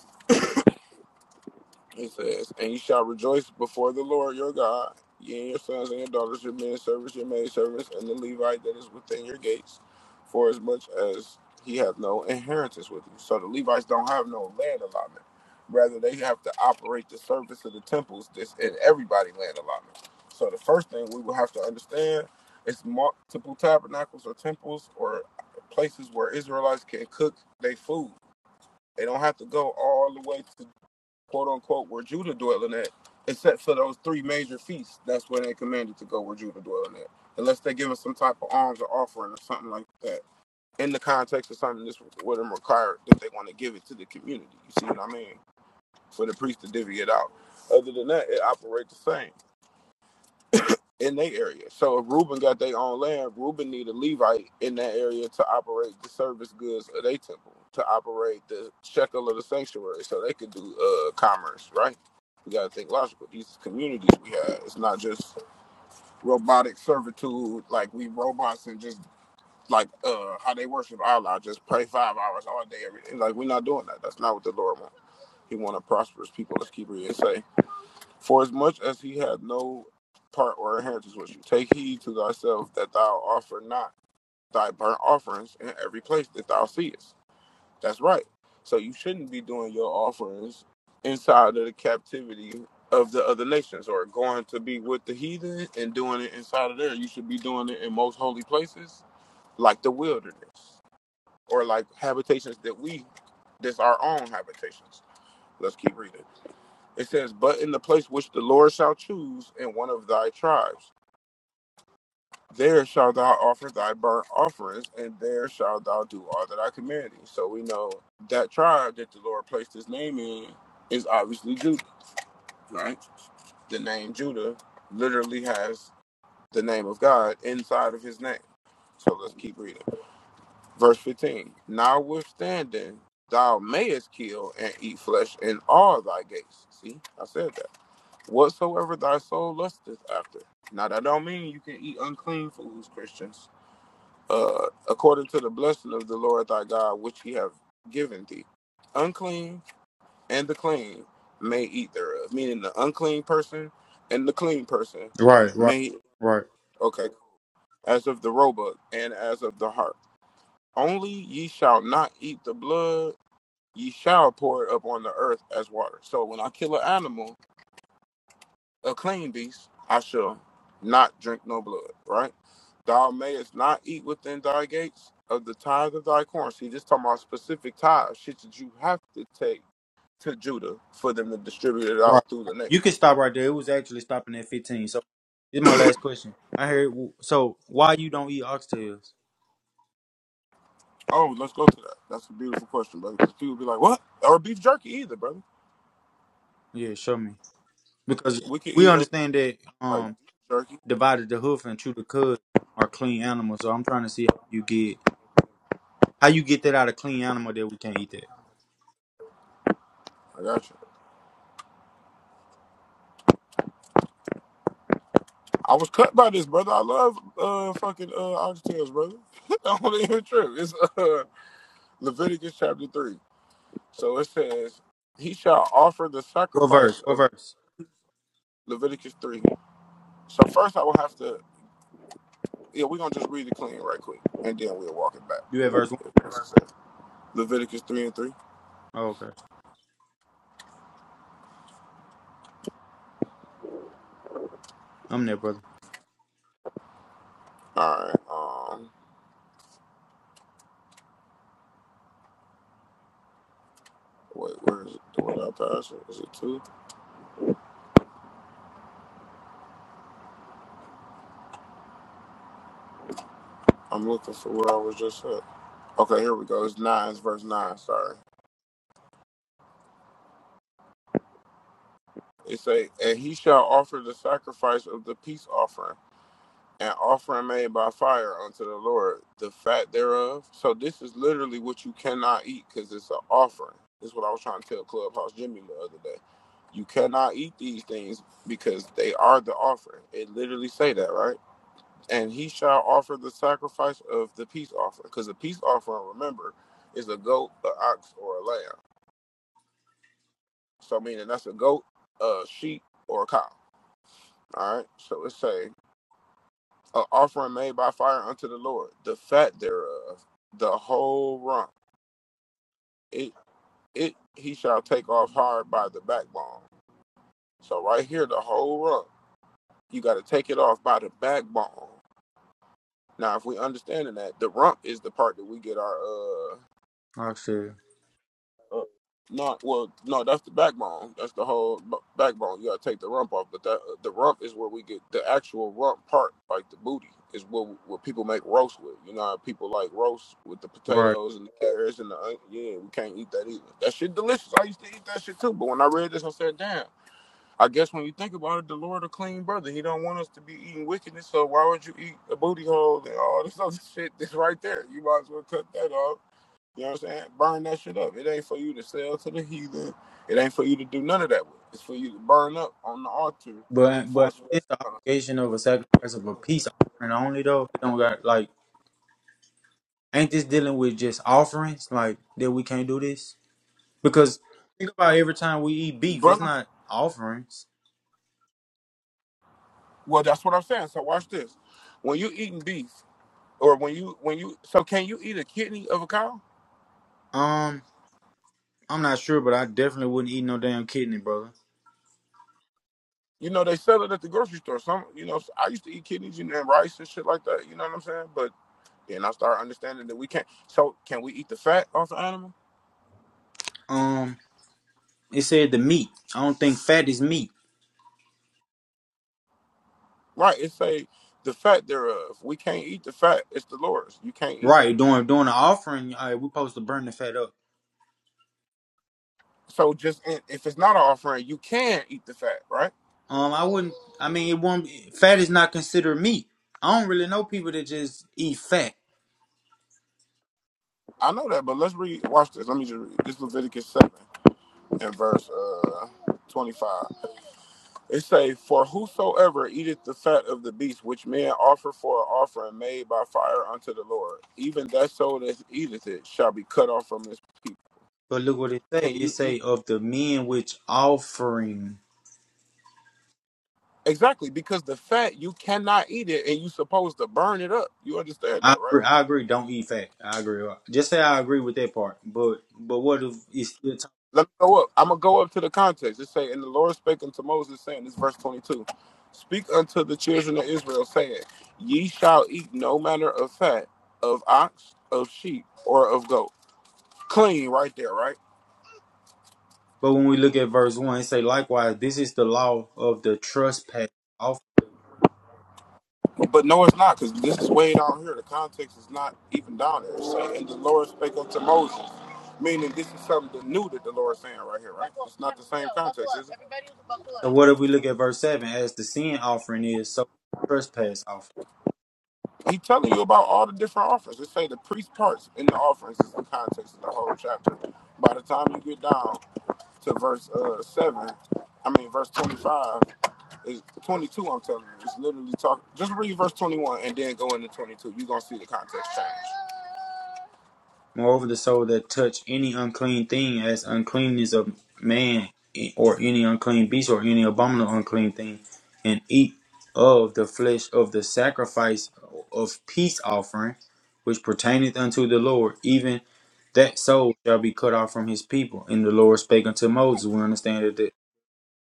He says, And you shall rejoice before the Lord your God, ye and your sons and your daughters, your men servants, your maid servants, and the Levite that is within your gates, for as much as he hath no inheritance with you. So the Levites don't have no land allotment. Rather, they have to operate the service of the temples that's in everybody land allotment. So the first thing we will have to understand is multiple tabernacles or temples or places where Israelites can cook their food. They don't have to go all the way to quote unquote, where Judah dwelling at, except for those three major feasts, that's where they commanded to go where Judah dwelling at. Unless they give us some type of alms or offering or something like that. In the context of something that's what them required that they want to give it to the community. You see what I mean? For the priest to divvy it out. Other than that, it operates the same in their area. So if Reuben got their own land, Reuben need a Levite in that area to operate the service goods of their temple, to operate the shekel of the sanctuary, so they could do uh, commerce, right? We gotta think logical. These communities we have, it's not just robotic servitude, like we robots and just like uh how they worship Allah, just pray five hours all day every day. Like we're not doing that. That's not what the Lord wants. He wants a prosperous people. Let's keep reading. and say, for as much as he had no part or inheritance with you, take heed to thyself that thou offer not thy burnt offerings in every place that thou seest. That's right. So you shouldn't be doing your offerings inside of the captivity of the other nations or going to be with the heathen and doing it inside of there. You should be doing it in most holy places, like the wilderness or like habitations that we, that's our own habitations. Let's keep reading. It says, But in the place which the Lord shall choose in one of thy tribes, there shalt thou offer thy burnt offerings, and there shalt thou do all that I command thee. So we know that tribe that the Lord placed his name in is obviously Judah, right? The name Judah literally has the name of God inside of his name. So let's keep reading. Verse 15 Notwithstanding, thou mayest kill and eat flesh in all thy gates. See, I said that whatsoever thy soul lusteth after. Now that don't mean you can eat unclean foods, Christians. Uh, according to the blessing of the Lord thy God, which he have given thee, unclean and the clean may eat thereof. Meaning the unclean person and the clean person Right, right, may right, okay, as of the roebuck and as of the heart. Only ye shall not eat the blood; ye shall pour it up on the earth as water. So when I kill an animal, a clean beast, I shall not drink no blood, right? Thou mayest not eat within thy gates of the tithe of thy corn. See, this talking about specific tithe, shit that you have to take to Judah for them to distribute it out right. through the next. You can stop right there. It was actually stopping at fifteen. So this is my last question. I heard so why you don't eat oxtails? Oh, let's go to that. That's a beautiful question, brother. 'Cause people be like, what? Or beef jerky either, brother. Yeah, show me because We could we eat uh, understand that. like Um, beef jerky. divided the hoof and chewed the cud are clean animals. So I'm trying to see how you get how you get that out of clean animal that we can't eat that. I got you. I was cut by this, brother. I love uh fucking uh oxtails, brother. [laughs] I don't even trip. It's uh Leviticus chapter three. So it says, He shall offer the What sacrifice verse? What of verse? Leviticus 3. So first I will have to, yeah, we're going to just read it clean right quick, and then we'll walk it back. You at verse one? Leviticus 3 and 3. Oh, okay. I'm there, brother. All right. Um, wait, where is it? Where did I pass it? Is it 2? I'm looking for where I was just at. Okay, here we go. It's 9, it's verse 9. Sorry. It say, And he shall offer the sacrifice of the peace offering. an offering made by fire unto the Lord, the fat thereof. So this is literally what you cannot eat because it's an offering. This is what I was trying to tell Clubhouse Jimmy the other day. You cannot eat these things because they are the offering. It literally say that, right? And he shall offer the sacrifice of the peace offering. Because the peace offering, remember, is a goat, an ox, or a lamb. So meaning that's a goat, a sheep, or a cow. All right. So it say an offering made by fire unto the Lord, the fat thereof, the whole rump. It it he shall take off hard by the backbone. So right here, the whole rump, you got to take it off by the backbone. Now, if we understanding that, the rump is the part that we get our uh I see. No, well, no, that's the backbone. That's the whole b- backbone. You gotta take the rump off, but that uh, the rump is where we get the actual rump part, like the booty, is what what people make roast with. You know, how people like roast with the Right. potatoes and the carrots and the onion. yeah. We can't eat that either. That shit delicious. I used to eat that shit too, but when I read this, I said, damn. I guess when you think about it, the Lord a clean brother. He don't want us to be eating wickedness. So why would you eat a booty hole and all this other [laughs] shit that's right there? You might as well cut that off you know what I'm saying? Burn that shit up. It ain't for you to sell to the heathen. It ain't for you to do none of that with. It's for you to burn up on the altar But for but us. it's the obligation of a sacrifice of a peace offering only though. It don't got like ain't this dealing with just offerings like that we can't do this because think about every time we eat beef, it's Brother, not offerings. well, that's what I'm saying. So watch this. When you eating beef, or when you when you so can you eat a kidney of a cow? Um, I'm not sure, but I definitely wouldn't eat no damn kidney, brother. You know they sell it at the grocery store. Some you know I used to eat kidneys and rice and shit like that. You know what I'm saying? But then I started understanding that we can't. So can we eat the fat off the animal? Um, It said the meat. I don't think fat is meat. Right. It's a the fat thereof. We can't eat the fat. It's the Lord's. You can't eat that. Right. During during the offering, uh, we're supposed to burn the fat up. So just if it's not an offering, you can eat the fat, right? Um, I wouldn't. I mean, it won't. Fat is not considered meat. I don't really know people that just eat fat. I know that, but let's read. Watch this. Let me just read. This is Leviticus seven and verse uh, twenty-five. It say, "For whosoever eateth the fat of the beast, which men offer for an offering made by fire unto the Lord, even that soul that eateth it shall be cut off from his people." But look what it say. Can It you eat say of the men which offering. exactly? Because the fat you cannot eat it, and you supposed to burn it up. You understand that, I right? agree, I agree. Don't eat fat. I agree. Just say I agree with that part. But but what if it's still talk- Let me go up. I'm gonna go up to the context. It say, and the Lord spake unto Moses, saying, "This is verse 22. Speak unto the children of Israel, saying, Ye shall eat no manner of fat of ox, of sheep, or of goat. Clean, right there, right? But when we look at verse one, it say likewise. This is the law of the trespass. But no, it's not, because this is way down here. The context is not even down there. It's saying, and the Lord spake unto Moses, meaning this is something new that the Lord is saying right here, right? It's not the same context, is it? So what if we look at verse seven? As the sin offering is, so trespass offering. He telling you about all the different offerings. It say the priest parts in the offerings is the context of the whole chapter. By the time you get down to verse uh, seven, I mean verse twenty-five is twenty-two. I'm telling you, it's literally talk. Just read verse twenty-one and then go into twenty-two. You are gonna see the context change. Moreover, the soul that touch any unclean thing, as uncleanness of man, or any unclean beast, or any abominable unclean thing, and eat of the flesh of the sacrifice of peace offering, which pertaineth unto the Lord, even that soul shall be cut off from his people. And the Lord spake unto Moses. We understand that.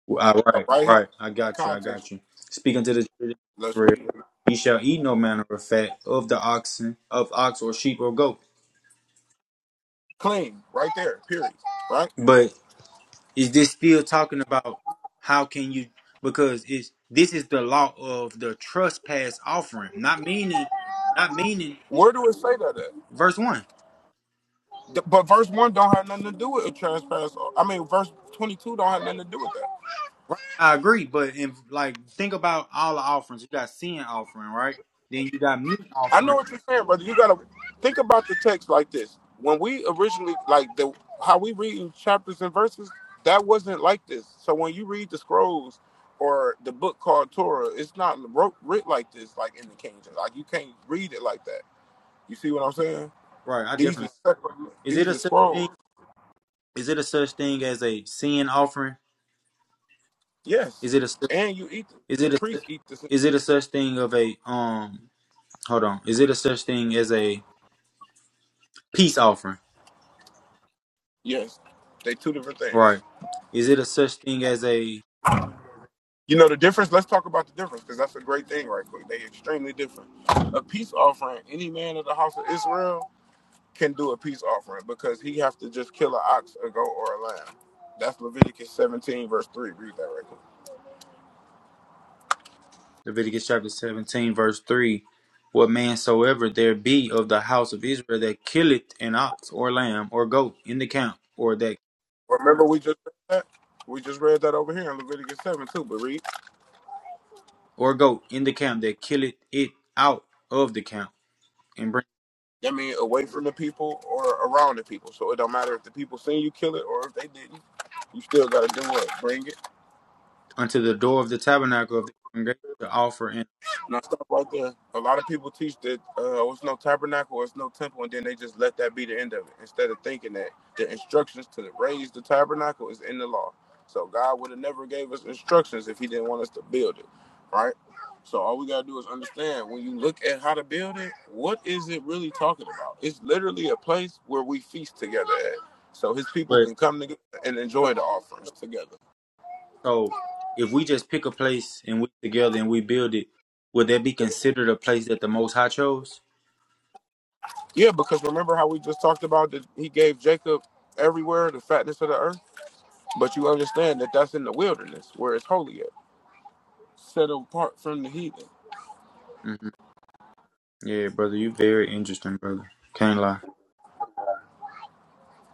All So right, right here, right. I the got you. I got context. you. Speaking to the children of Let's Israel, read it. ye shall eat no manner of fat of the oxen, of ox or sheep or goat. Clean right there. Period. Right. But is this still talking about how can you? Because it's this is the law of the trespass offering, not meaning, not meaning. it's Where do it say that at? Verse one. But verse one don't have nothing to do with a transparency. I mean, verse twenty-two don't have nothing to do with that. Right. I agree, but in like think about all the offerings. You got sin offering, right? Then you got meat I know offering, what you're saying, brother. You gotta think about the text like this. When we originally like the how we read chapters and verses, that wasn't like this. So when you read the scrolls or the book called Torah, it's not wrote writ like this, like in the King James. Like you can't read it like that. You see what I'm saying? right? I These are definitely. separate. Is it These a are sin? scrolls. Is it a such thing as a sin offering? Yes, Is it a su- and you eat them. is The it a priests eat this. is it a such thing of a um hold on. Is it a such thing as a peace offering? Yes, they two different things. Right. Is it a such thing as a You know the difference. Let's talk about the difference because that's a great thing, right quick. They extremely different. A peace offering, any man of the house of Israel can do a peace offering because he has to just kill an ox, a goat, or a lamb. That's Leviticus 17 verse three. Read that right quick. Leviticus chapter 17 verse 3 what man soever there be of the house of Israel that killeth an ox or lamb or goat in the camp or that Well, Remember we just read that. We just read that over here in Leviticus seven too. But read. or goat in the camp that killeth it out of the camp and bring I mean, away from the people or around the people. So it don't matter if the people seen you kill it or if they didn't. You still gotta do what? Bring it unto the door of the tabernacle of the congregation to offer an Now stuff like that. A lot of people teach that uh, oh, it's no tabernacle, it's no temple, and then they just let that be the end of it instead of thinking that the instructions to raise the tabernacle is in the law. So God would have never gave us instructions if He didn't want us to build it, right? So all we gotta do is understand when you look at how to build it, what is it really talking about? It's literally a place where we feast together at, so His people can come together and enjoy the offerings together. So if we just pick a place and we together and we build it, would that be considered a place that the Most High chose? Yeah, because remember how we just talked about that he gave Jacob everywhere the fatness of the earth? But you understand that that's in the wilderness where it's holy at, set apart from the heathen. hmm Yeah, brother, you very interesting, brother. Can't lie,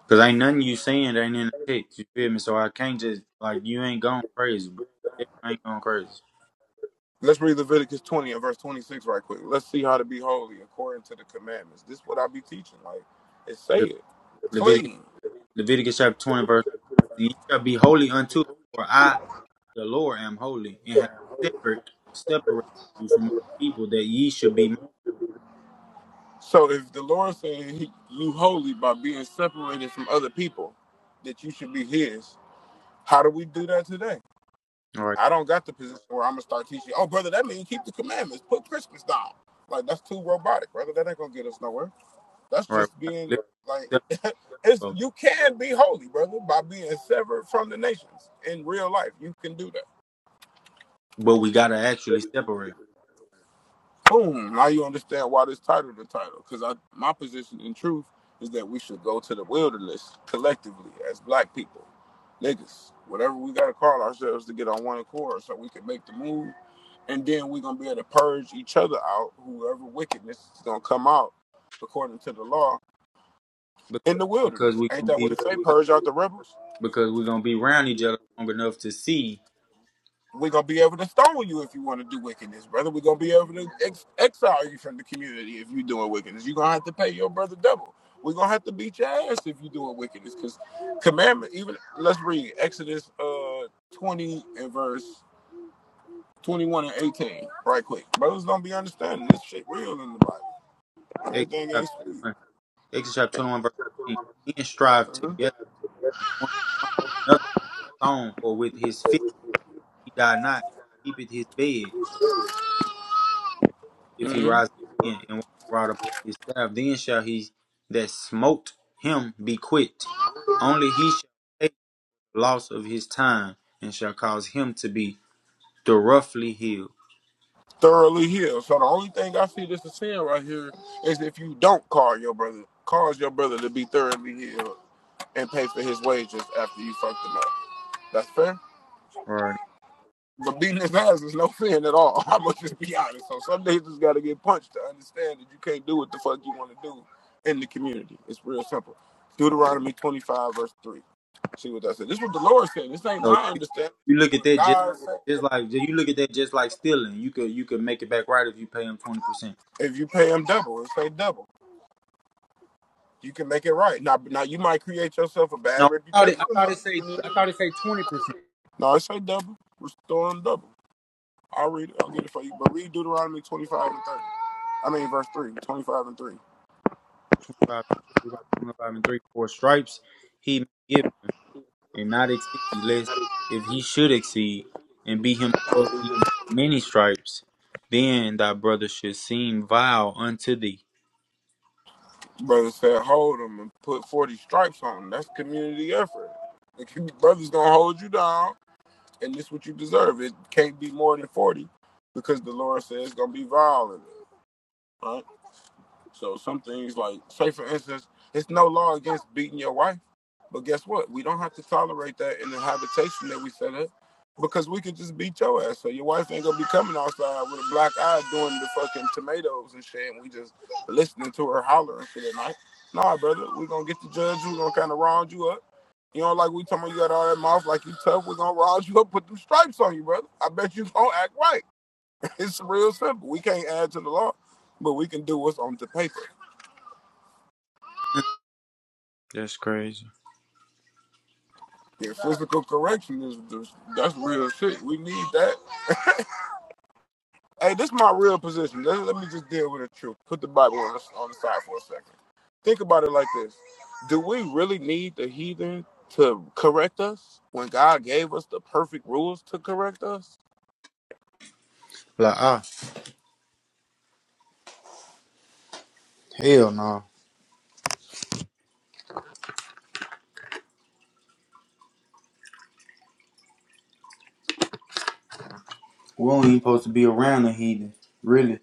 cause ain't nothing you saying that ain't in the text. You feel me? So I can't just like you ain't going crazy, bro. It ain't going crazy. Let's read Leviticus 20 and verse 26 right quick. Let's see how to be holy according to the commandments. This is what I be teaching. Like, it say it. Le- Clean. Leviticus chapter 20, verse, and ye shall be holy unto me, for I, the Lord, am holy, and have separate, separated you from other people that ye should be mine. So if the Lord saying he, you holy by being separated from other people, that you should be his, how do we do that today? All right, I don't got the position where I'm gonna start teaching. Oh, brother, that means keep the commandments, put Christmas down. Like that's too robotic, brother. That ain't gonna get us nowhere. That's all right, just we gotta being live like, [laughs] it's separate, you can be holy, brother, by being severed from the nations in real life. You can do that. but we gotta actually separate boom, now you understand why this title the title. Because I my position in truth is that we should go to the wilderness collectively as black people, niggas, whatever we gotta call ourselves to get on one accord so we can make the move. And then we're gonna be able to purge each other out, whoever wickedness is gonna come out according to the law in because, the because wilderness. we Ain't gonna that be what it say? because, Purge out the rebels. because we're gonna be around each other long enough to see We're gonna be able to stone you if you want to do wickedness, brother. We're gonna be able to ex- exile you from the community if you're doing wickedness. You're gonna have to pay your brother double. We're gonna have to beat your ass if you're doing wickedness, because commandment. Even let's read Exodus uh 20 and verse 21 and 18, right quick. Brothers don't be understanding this shit real in the Bible. Everything ain't Exodus chapter 21, Exodus chapter 21 verse 18, and strive sweet. together in one mind, another song, for with his feet he died not, keepeth his bed. if he hmm rise again and walk abroad upon his staff, then shall he that smote him be quit. Only he shall take loss of his time and shall cause him to be thoroughly healed. thoroughly healed. So the only thing I see this is saying right here is if you don't call your brother, cause your brother to be thoroughly healed and pay for his wages after you fucked him up. That's fair. Right. But beating his ass is no [laughs] fin at all. [laughs] I'm gonna just be honest. So some days just gotta get punched to understand that you can't do what the fuck you want to do in the community. It's real simple. Deuteronomy 25 verse 3. See what that said. This is what the Lord said. This ain't So my you, understanding. you look at What that just God said. just like you look at that just like stealing. You could you could make it back right if you pay him twenty percent. If you pay him double, it say double. You can make it right. Now, now you might create yourself a bad No, I thought it reputation I thought it amongst the say I community. thought it say twenty percent. No, I say double. Restore them double. I'll read it. I'll get it for you. But read Deuteronomy 25 and 30. I mean, verse 3, 25 and Twenty Five and three four stripes. He may give. and not exceed, lest if he should exceed and be him above these many stripes, then thy brother should seem vile unto thee. 3. Brother said, hold them and put 40 stripes on them. That's community effort. The brother's going to hold you down, and this is what you deserve. It can't be more than 40 because the Lord says it's going to be violent, right? So some things like, say for instance, it's no law against beating your wife But guess what? We don't have to tolerate that in the habitation that we set up because we could just beat your ass. So your wife ain't gonna be coming outside with a black eye doing the fucking tomatoes and shit, and we just listening to her hollering for the night. Nah, brother, we gonna get the judge. we gonna kind of round you up. You know, like we talking about you got all that mouth like you tough. we gonna round you up, put them stripes on you, brother. I bet you gonna act right. [laughs] It's real simple. We can't add to the law, but we can do what's on the paper. That's crazy. Yeah, physical correction is just, that's real shit. We need that Hey, this is my real position. Let, let me just deal with the truth. Put the Bible on the, on the side for a second. Think about it like this: Do we really need the heathen to correct us when God gave us the perfect rules to correct us? Like ah, hell no. We don't even supposed to be around the heathen. Really,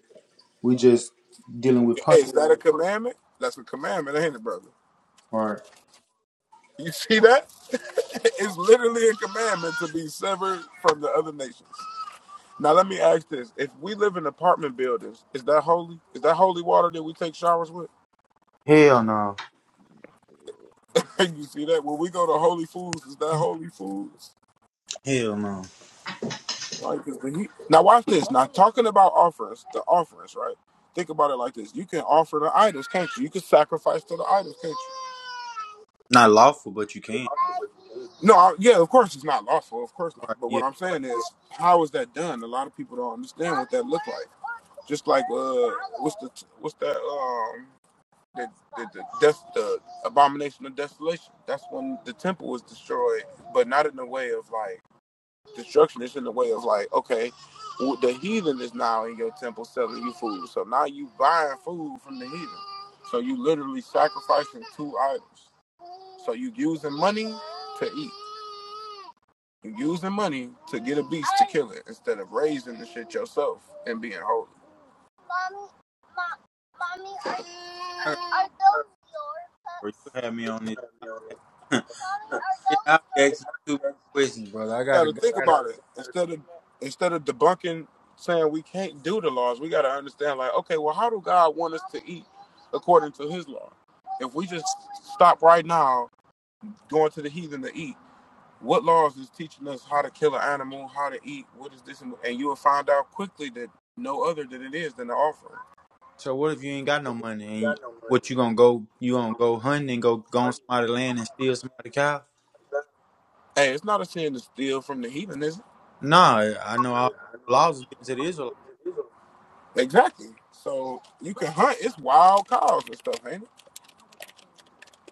we just dealing with Hey, punishment. is that a commandment? That's a commandment, ain't it, brother? Right. You see that? [laughs] it's literally a commandment to be severed from the other nations. Now, let me ask this: If we live in apartment buildings, is that holy? Is that holy water that we take showers with? Hell no. [laughs] you see that? When we go to holy foods, is that holy food? Hell no. Right, 'cause when you now watch this. Now talking about offerings, the offerings, right? Think about it like this: you can offer the idols, can't you? You can sacrifice to the idols, can't you? Not lawful, but you can. No, I, yeah, of course it's not lawful, of course not. Right. But Yeah. what I'm saying is, how is that done? A lot of people don't understand what that looked like. Just like uh, what's the what's that um the the the, death, the abomination of desolation? That's when the temple was destroyed, but not in the way of like destruction is in the way of like, okay, the heathen is now in your temple selling you food. So now you buying food from the heathen. So you literally sacrificing two idols. So you using money to eat. You using money to get a beast to kill it instead of raising the shit yourself and being holy. Mommy, mom, mommy, are, I got, are are those your bro, cups? you had me on this. [laughs] Mommy, are yeah, those I be your asking you two questions, brother. I We gotta, got I to gotta think about it instead of instead of debunking saying we can't do the laws. We got to understand like, okay, well, how do God want us to eat according to His law? If we just stop right now going to the heathen to eat, what laws is teaching us how to kill an animal, how to eat, what is this, and you will find out quickly that no other than it is than the offering. So what if you ain't got no money and you, what you gonna go you gonna go hunting and go go on somebody's land and steal somebody's cow? Hey, it's not a sin to steal from the heathen, is it? Nah, I know all the laws is given to the Israelites. Exactly. So you can hunt. It's wild cows and stuff, ain't it?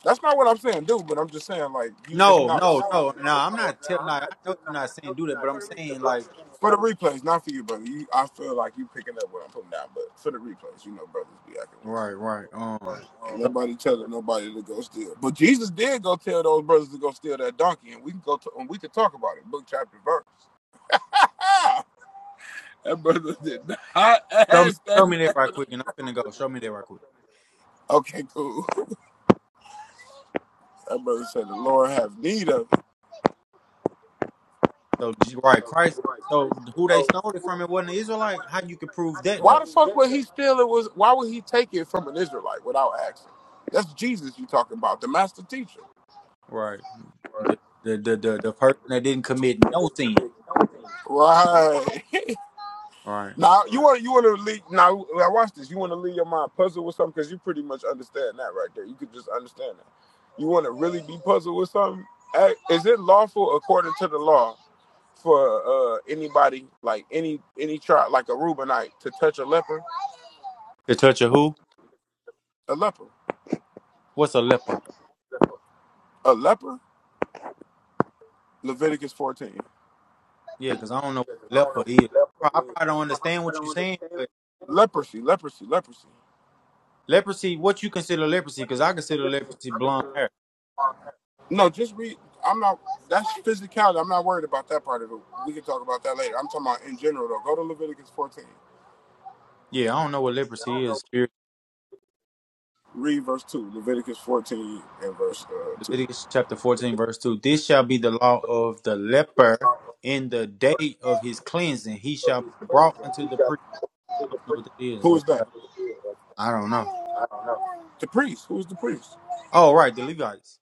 That's not what I'm saying, dude. But I'm just saying, like, you, it's No, not a No, no, sin no, no, no. I'm not telling. Like, I know you're not saying do that, but I'm saying like for the like, replays, not for you, brother. You, I feel like you picking up what I'm putting down, but for the replays, you know, brothers be acting weird. right, right. Um, Ain't so nobody telling nobody to go steal. But Jesus did go tell those brothers to go steal that donkey, and we can go to, and we can talk about it, book chapter verse. [laughs] That brother did not [laughs] show me ask that show me man. that right [laughs] quick, and I'm finna go. Show me that right quick. Okay, cool. That brother said, "The Lord have need of." So G- right, Christ. So who they stole it from? It wasn't the Israelite. How you could prove that Why though? the fuck would he steal it? Was why would he take it from an Israelite without asking? That's Jesus you talking about, the master teacher. Right. The the the the, the person that didn't commit no sin. Right. [laughs] Right. now you want you want to leave. Now I watch this. You want to leave your mind puzzled with something because you pretty much understand that right there. You could just understand that. You want to really be puzzled with something. Eh, Is it lawful according to the law for uh, anybody, like any any tribe, like a Reubenite, to touch a leper? To touch a who? A leper. What's a leper? A leper? Leviticus 14. Yeah, because I don't know what leper is. Pro- I probably don't understand what you're saying, but Leprosy, leprosy, leprosy. leprosy, what you consider leprosy? Because I consider leprosy blonde hair. No, just read. I'm not. That's physicality. I'm not worried about that part of it. We can talk about that later. I'm talking about in general, though. Go to Leviticus 14. Yeah, I don't know what leprosy is. Here, Read verse 2. Leviticus 14 and verse uh, 2. Leviticus chapter 14, verse 2. This shall be the law of the leper in the day of his cleansing. He shall be brought unto the priest. I don't know what that is, Who bro. is that? I don't know. The priest. Who's the priest? Oh, right, the Levites.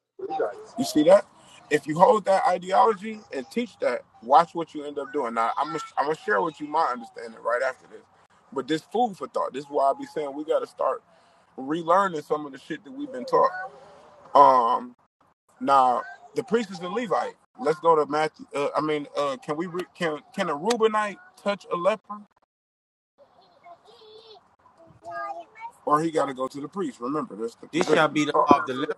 You see that? If you hold that ideology and teach that, watch what you end up doing. Now, I'm gonna share with you my understanding right after this. But this food for thought. This is why I be saying we got to start relearning some of the shit that we've been taught. Um, now the priest is a Levite. Let's go to Matthew. Uh, I mean, uh, can we re- can can a Reubenite touch a leper, or he got to go to the priest? Remember, that's the This shall position. It's be the taught. law of the leper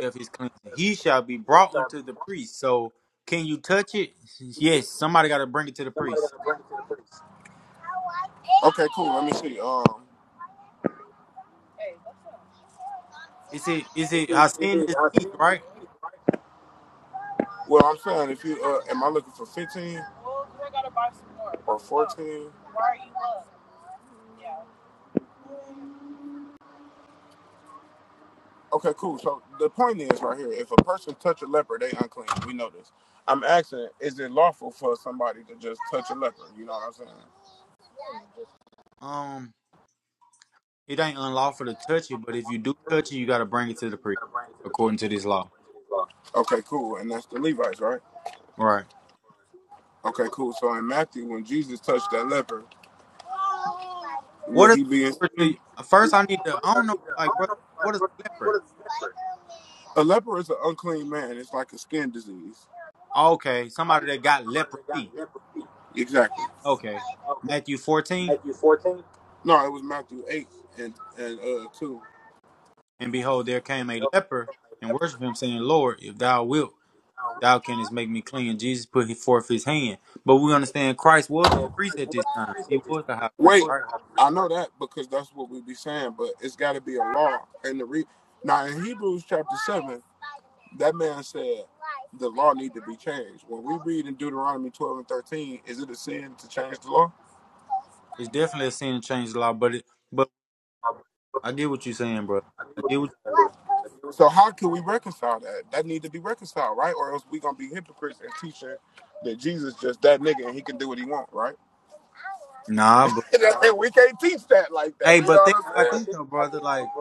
of his cleansing. He shall be brought unto the priest. So, can you touch it? [laughs] Yes, somebody got to bring it to the priest. Okay, cool. Let me see. Um, Is it is it Hassan disease, right? well, I'm saying if you uh, am I looking for 15 or 14? Okay, cool. So the point is right here: if a person touch a leopard, they unclean. We know this. I'm asking: is it lawful for somebody to just touch a leopard? You know what I'm saying? Um, it ain't unlawful to touch it, but if you do touch it, you got to bring it to the priest according to this law, Okay, cool. And that's the Levites, right? right? Okay, cool. So in Matthew, when Jesus touched that leopard. Will What is he be a leper to you? in? First, I need to. I don't know, like, brother, what is a leper? A leper is an unclean man. It's like a skin disease. Okay, somebody that got leprosy. Exactly. Okay, Matthew fourteen, No, it was Matthew eight and and uh two. and behold, there came a leper and worshiped him, saying, "Lord, if thou wilt, thou canst make me clean." Jesus put forth his hand, but we understand Christ was the priest at this time. He was the high priest, Wait, right? I know that because that's what we be saying, but it's got to be a law. And the re now in Hebrews chapter seven, that man said the law need to be changed. When we read in Deuteronomy twelve and thirteen, is it a sin to change the law? It's definitely a sin to change the law, but it, but I get what you're saying, bro. I get what. So how can we reconcile that? That need to be reconciled, right? Or else we gonna be hypocrites and teaching that Jesus just that nigga and he can do what he want, right? [laughs] Nah, but And we can't teach that like that. hey, You but know what think about I'm this though, brother. Like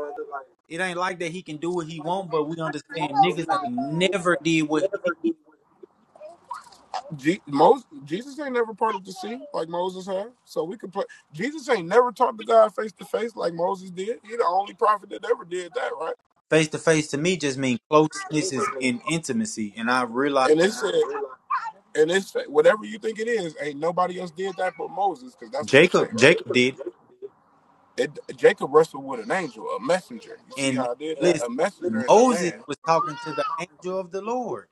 it ain't like that. He can do what he want, but we understand niggas ain't never did what he did. saying? Je- Moses, Jesus ain't never parted the sea like Moses had, so we could put Jesus ain't never talked to God face to face like Moses did. He the only prophet that ever did that, right? Face to face to me just mean closenesses and intimacy, and I realized And it said, and it's whatever you think it is. Ain't nobody else did that but Moses, because that's what it say, Jacob right? Jacob did, it. It, Jacob wrestled with an angel, a messenger. You see and how I did listen, that? A messenger is a Moses man. was talking to the angel of the Lord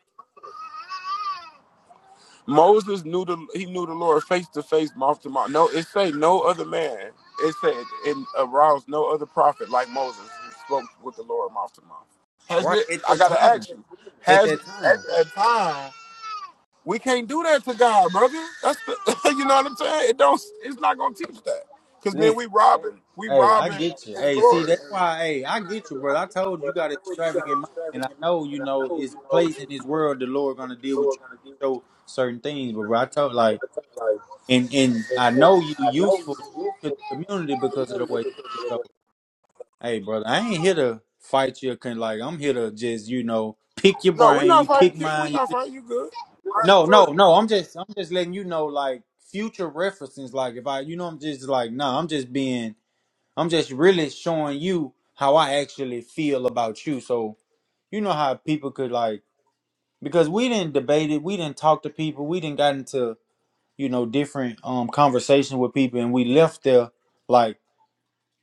Moses knew the he knew the Lord face to face, mouth to mouth. No, it say no other man. It said it aroused no other prophet like Moses who spoke with the Lord mouth to mouth. Has right it? at I that gotta time. ask you. At Has that at time, that time We can't do that to God, brother. That's the, [laughs] you know what I'm saying. It don't. It's not gonna teach that, cause then listen. we robbing. We Hey, I robbing get you. His Hey, glory. see, that's I why. Hey, I get you, brother. I need you, told you, you but I got an know you got extravagant mind, and I extravagant know mind, you and I know know you is a know place in it's this crazy world the Lord and gonna the deal with you, Lord gonna deal with you. show certain things. But bro, I told like, and and I know you useful to the community because of the way. You speak. so, hey, brother, I ain't here to fight you. Cause like I'm here to just you know pick your No, we're brain. not You fighting pick King. We're mine. You not pick... fighting you. Good. All right, No, no, sure. no. I'm just I'm just letting you know like future references. Like if I, you know, I'm just like no. I'm just being I'm just really showing you how I actually feel about you. So you know how people could like because we didn't debate it, we didn't talk to people, we didn't got into you know different um conversations with people, and we left there like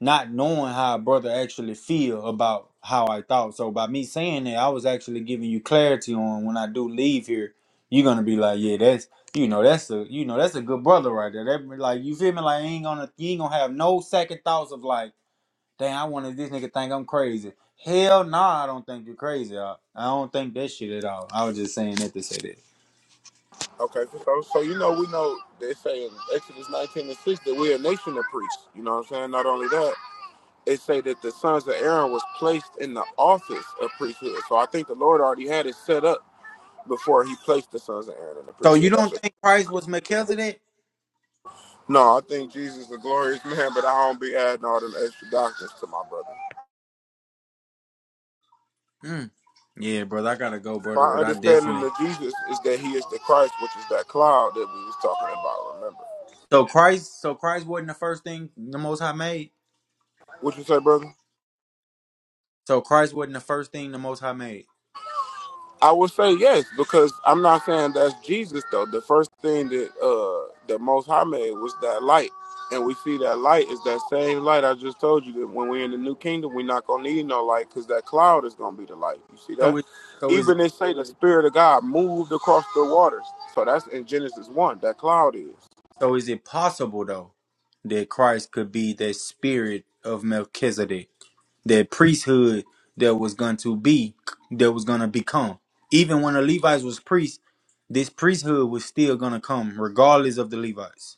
not knowing how a brother actually feel about how I thought. So by me saying that, I was actually giving you clarity on when I do leave here, you're gonna be like, yeah, that's you know that's a you know that's a good brother right there. That like you feel me? Like ain't gonna you ain't gonna have no second thoughts of like. Dang, I wanted this nigga think I'm crazy. Hell no, nah, I don't think you're crazy. I, I don't think that shit at all. I was just saying that to say that. Okay, so so so you know we know they say in Exodus 19 and 6 that we're a nation of priests. You know what I'm saying? Not only that. it say that the sons of Aaron was placed in the office of priesthood. So I think the Lord already had it set up before he placed the sons of Aaron in the So you priesthood. That's don't just think Christ was Melchizedek? no, I think Jesus is a glorious man, but I don't be adding all them extra doctrines to my brother. Mm. Yeah, brother, I gotta go, brother. My But I understanding definitely of Jesus is that he is the Christ, which is that cloud that we was talking about, remember. so Christ. So Christ wasn't the first thing the Most High made. What you say, brother? So Christ wasn't the first thing the Most High made. I would say yes because I'm not saying that's Jesus though. The first thing that uh the Most High made was that light, and we see that light is that same light I just told you that when we're in the New Kingdom, we're not gonna need no light because that cloud is gonna be the light. You see So that? it, so is it, Even they say the Spirit of God moved across the waters, so that's in Genesis one. That cloud is. so is it possible though that Christ could be that spirit of Melchizedek? that priesthood that was going to be that was going to become even when the levites was priests this priesthood was still going to come regardless of the levites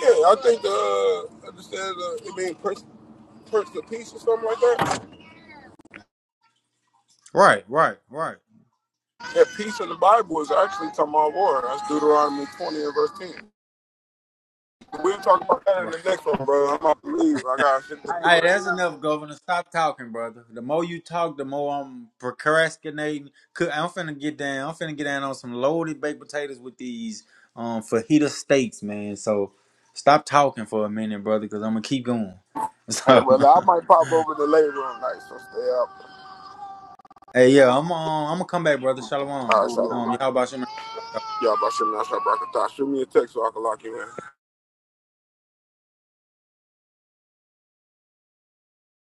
Yeah, I think uh understand uh, it mean person Prince of Peace or something like that. right right right Yeah, peace in the Bible is actually talking about war. That's Deuteronomy 20 and verse 10. We'll talk about that in right the next one, bro. I'm about to leave. I got shit to do hey that's right enough governor stop talking brother the more you talk the more i'm procrastinating Cook- i'm finna get down i'm finna get down on some loaded baked potatoes with these um fajita steaks man so stop talking for a minute brother because i'm gonna keep going [laughs] now. Hey, so brother, I might pop over in the later room night, so stay up. Hey, yeah, I'm um, I'm gonna come back, brother. All Shalom. right, Um, so how about you? man? y'all about shit now. Shout out to Shoot me a text so I can lock you in.